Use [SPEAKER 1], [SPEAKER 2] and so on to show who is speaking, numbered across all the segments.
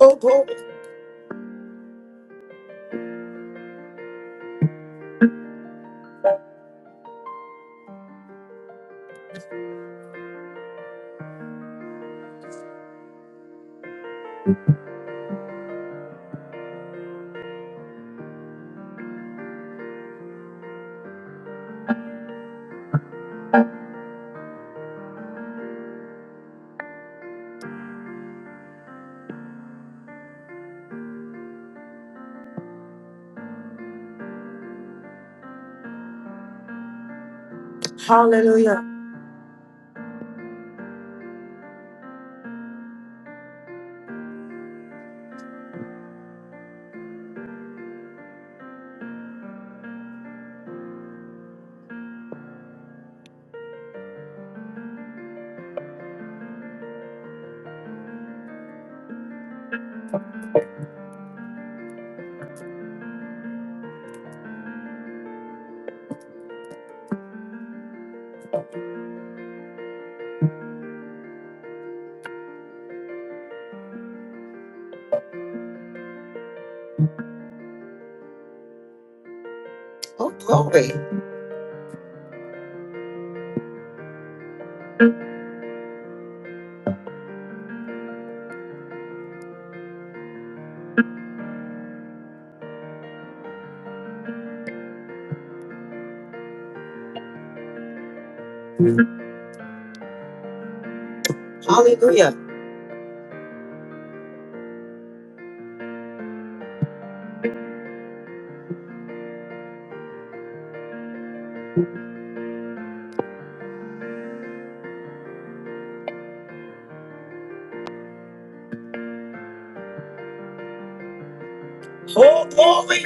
[SPEAKER 1] Oh glory. Hallelujah. Oh glory. Hallelujah. Oh glory.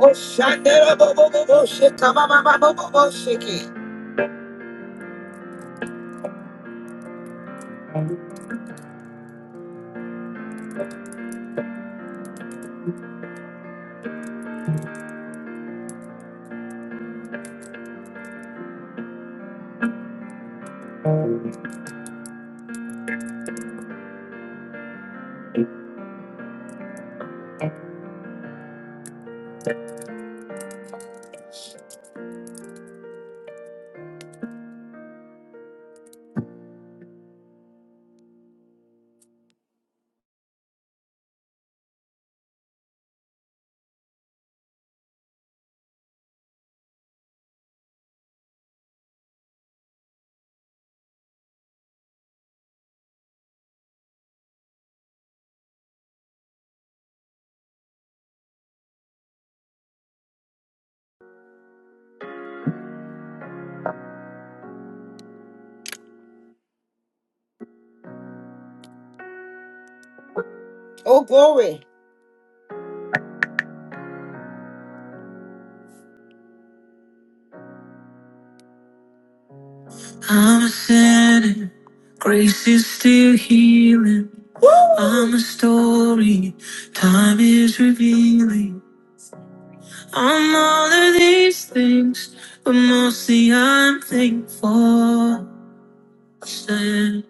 [SPEAKER 1] Oh shandera bo bo bo bo shika ba ba ba bo bo bo shiki. Oh glory. I'm sinning. Grace is still healing. I'm a story. Time is revealing. I'm all of these things, but mostly I'm thankful. Sin.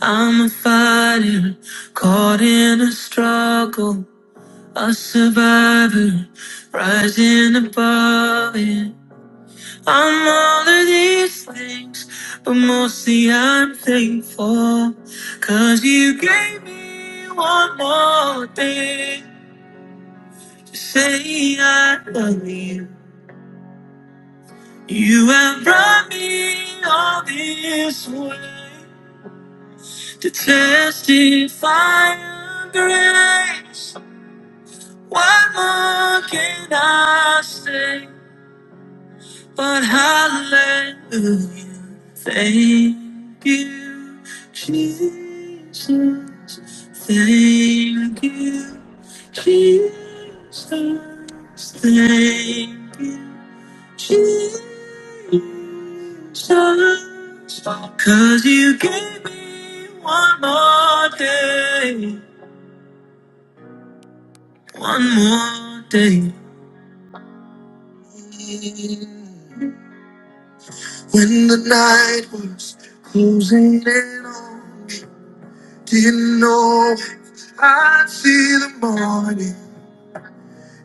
[SPEAKER 1] I'm a fighter, caught in a struggle. A survivor, rising above it. I'm all of these things, but mostly I'm thankful. Cause you gave me one more thing to say I love you. You have brought me all this way to testify of grace. What more can I say? But hallelujah, thank you, Jesus. Thank you, Jesus. Thank you, Jesus. 'Cause you gave me one more day, one more day. When the night was closing in on me, didn't know I'd see the morning.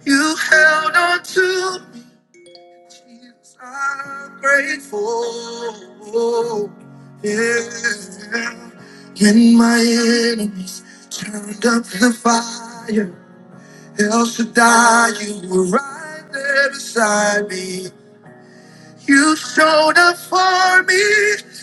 [SPEAKER 1] You held on to me, Jesus. I'm grateful. Yeah. When my enemies turned up the fire, El Shaddai, you were right there beside me. You showed up for me,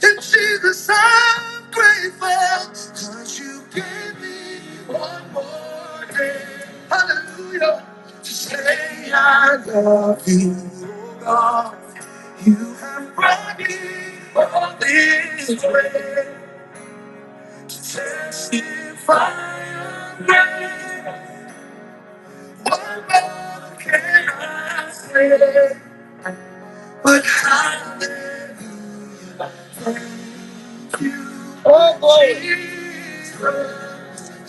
[SPEAKER 1] and Jesus, I'm grateful. Cause you gave me one more day. Hallelujah. To say I love you, oh God. You have brought me all this way. To testify your name. What more can I say? But I love you. Jesus.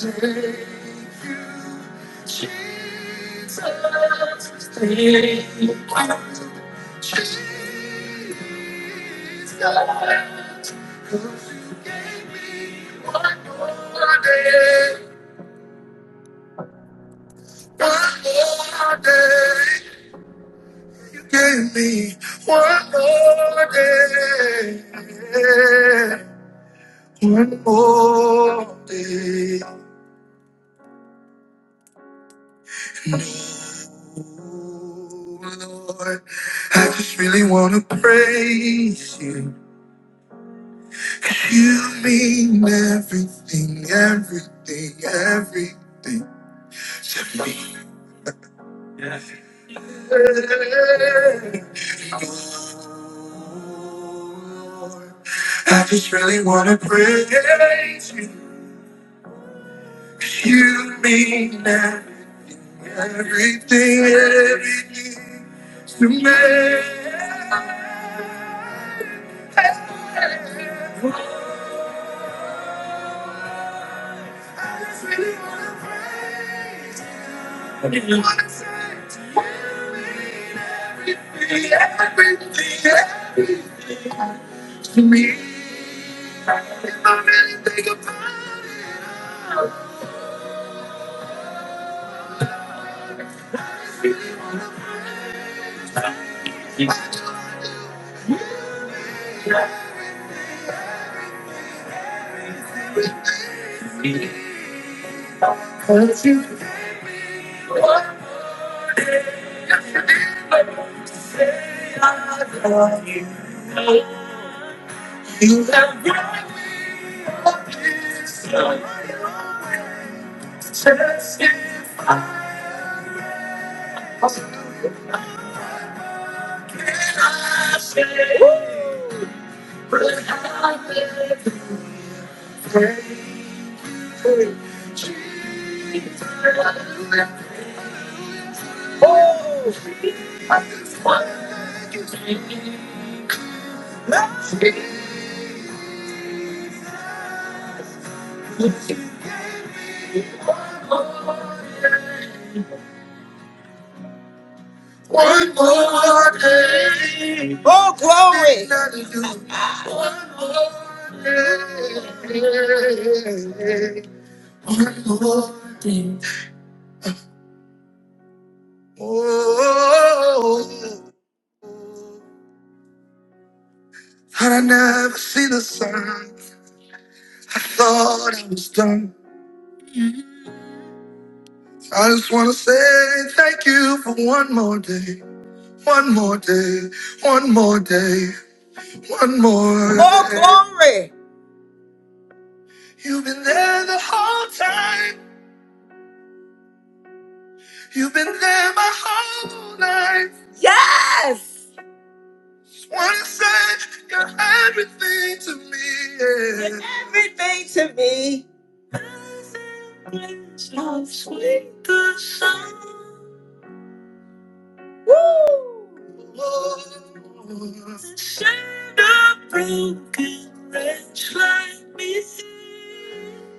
[SPEAKER 1] You You Jesus. Jesus, You gave gave me me one one one day. day, day. more more Lord, I just really want to praise you. You mean everything, everything, everything. to me. Lord, I just really wanna praise you. You mean everything, everything to me. I really wanna praise you. Everything to me. really One more day. Oh, glory. One more day. One more day. Oh, had I never seen the sun, I thought I was done. I just want to say thank you for one more day. One more day, one more day, one more. Oh, day. glory! You've been there the whole time. You've been there my whole life. Yes. Just wanna say you're everything to me. Yeah. You're everything to me. So sweet the sound.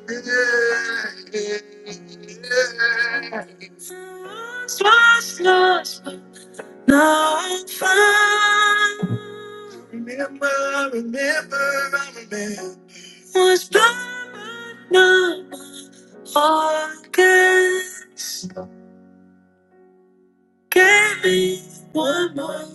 [SPEAKER 1] Yeah. yeah. I Remember, remember, I remember. Was not again. Gave me one more.